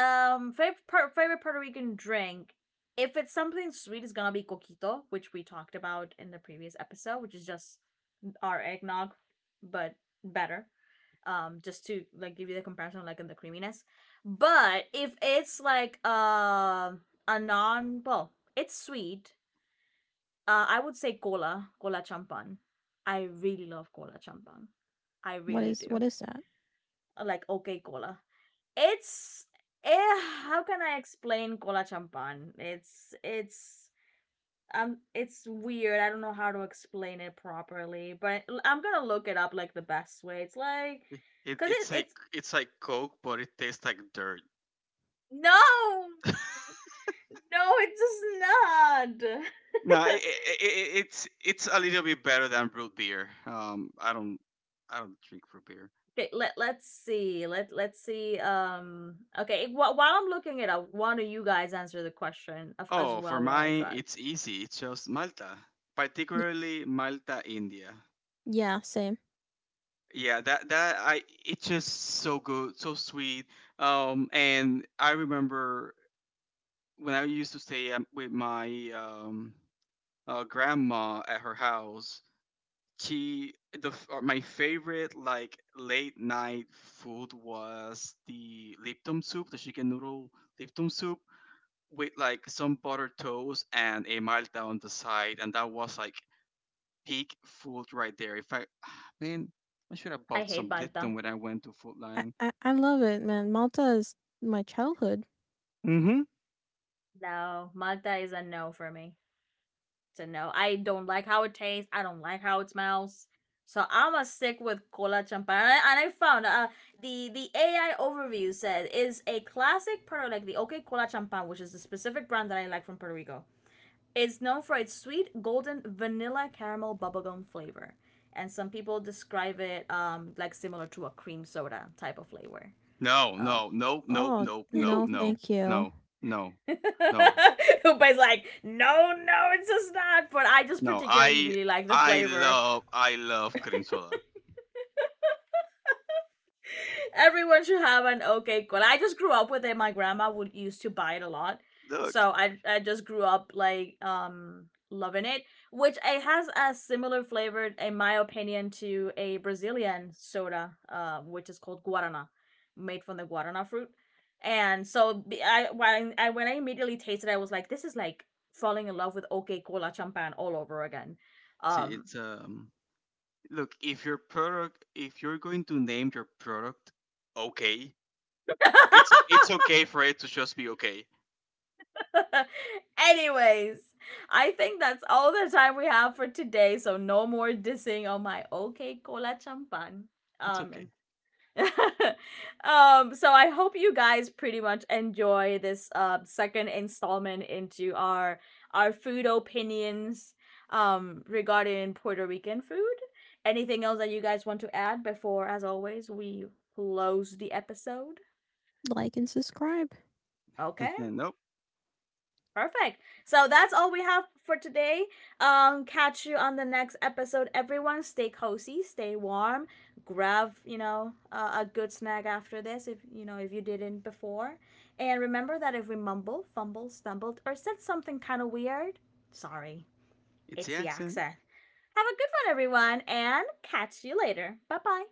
[SPEAKER 1] favorite Puerto Rican drink, if it's something sweet, it's gonna be coquito, which we talked about in the previous episode, which is just our eggnog, but better. Um, just to like give you the comparison, like in the creaminess, but if it's like a non, well, it's sweet. I would say cola champan. I really love cola champan. I really
[SPEAKER 3] what
[SPEAKER 1] do.
[SPEAKER 3] is that?
[SPEAKER 1] Like, okay, cola, it's eh, how can I explain cola champan? It's um, it's weird. I don't know how to explain it properly, but I'm gonna look it up. Like, the best way it's like,
[SPEAKER 2] It,
[SPEAKER 1] because it,
[SPEAKER 2] it's like
[SPEAKER 1] it's
[SPEAKER 2] it's like Coke, but it tastes like dirt.
[SPEAKER 1] No! No, it does not.
[SPEAKER 2] No, it's a little bit better than root beer. I don't drink root beer.
[SPEAKER 1] Okay, let's see. Let's see. Okay. While I'm looking it up, one of you guys answer the question of, as
[SPEAKER 2] Oh, for
[SPEAKER 1] well, while I
[SPEAKER 2] mine,
[SPEAKER 1] try. It?
[SPEAKER 2] it's easy. It's just Malta,
[SPEAKER 3] Y-
[SPEAKER 2] particularly Malta, India.
[SPEAKER 3] yeah, same.
[SPEAKER 2] Yeah, that that I it's just so good, so sweet. And I remember when I used to stay with my grandma at her house. she my favorite like late night food was the Lipton soup, the chicken noodle Lipton soup with like some butter toast and a Malta on the side, and that was like peak food right there. If I Man, I should have
[SPEAKER 1] I
[SPEAKER 2] bought
[SPEAKER 1] hate
[SPEAKER 2] some Lipton
[SPEAKER 1] Malta.
[SPEAKER 2] when I went to Food
[SPEAKER 3] I,
[SPEAKER 2] Lion.
[SPEAKER 3] I I love it, man. Malta is my childhood.
[SPEAKER 2] Mm-hmm.
[SPEAKER 1] No, Malta is a no for me. To know. I don't like how it tastes. I don't like how it smells. So I'm gonna stick with cola champagne. And I found the AI overview said is a classic Puerto, like the OK Cola Champagne, which is the specific brand that I like from Puerto Rico. It's known for its sweet golden vanilla caramel bubblegum flavor, and some people describe it like similar to a cream soda type of flavor.
[SPEAKER 2] No,
[SPEAKER 1] Um,
[SPEAKER 2] no, no, no,
[SPEAKER 3] Oh
[SPEAKER 2] no, no,
[SPEAKER 3] no,
[SPEAKER 2] no,
[SPEAKER 3] thank you.
[SPEAKER 2] no, no, no,
[SPEAKER 1] Upe's like, no, no, it's just not. But I just
[SPEAKER 2] no.
[SPEAKER 1] particularly
[SPEAKER 2] I
[SPEAKER 1] really like the
[SPEAKER 2] I
[SPEAKER 1] flavor.
[SPEAKER 2] love I love cream soda.
[SPEAKER 1] Everyone should have an okay cola. I just grew up with it. My grandma would used to buy it a lot.
[SPEAKER 2] Look,
[SPEAKER 1] So I just grew up like loving it, which it has a similar flavor in my opinion to a Brazilian soda, which is called guarana, made from the guarana fruit. And so I when I when I immediately tasted it, I was like, this is like falling in love with okay cola champan all over again.
[SPEAKER 2] see,
[SPEAKER 1] Um.
[SPEAKER 2] it's Look, if your product, if you're going to name your product, okay, it's okay for it to just be okay.
[SPEAKER 1] Anyways, I think that's all the time we have for today. So no more dissing on my OK Cola Champan.
[SPEAKER 2] It's
[SPEAKER 1] Um, and-
[SPEAKER 2] okay.
[SPEAKER 1] um, so I hope you guys pretty much enjoy this second installment into our food opinions, um, regarding Puerto Rican food. Anything else that you guys want to add before, as always, we close the episode?
[SPEAKER 3] Like and subscribe.
[SPEAKER 1] Okay.
[SPEAKER 2] Nope,
[SPEAKER 1] Perfect. So that's all we have for today. Catch you on the next episode, everyone. Stay cozy, stay warm. Grab, you know, a good snack after this, if you know, if you didn't before. And remember that if we mumble, fumble, stumbled, or said something kind of weird, sorry,
[SPEAKER 2] it's
[SPEAKER 1] it's
[SPEAKER 2] the
[SPEAKER 1] the
[SPEAKER 2] accent.
[SPEAKER 1] accent. Have a good one, everyone, and catch you later. Bye bye.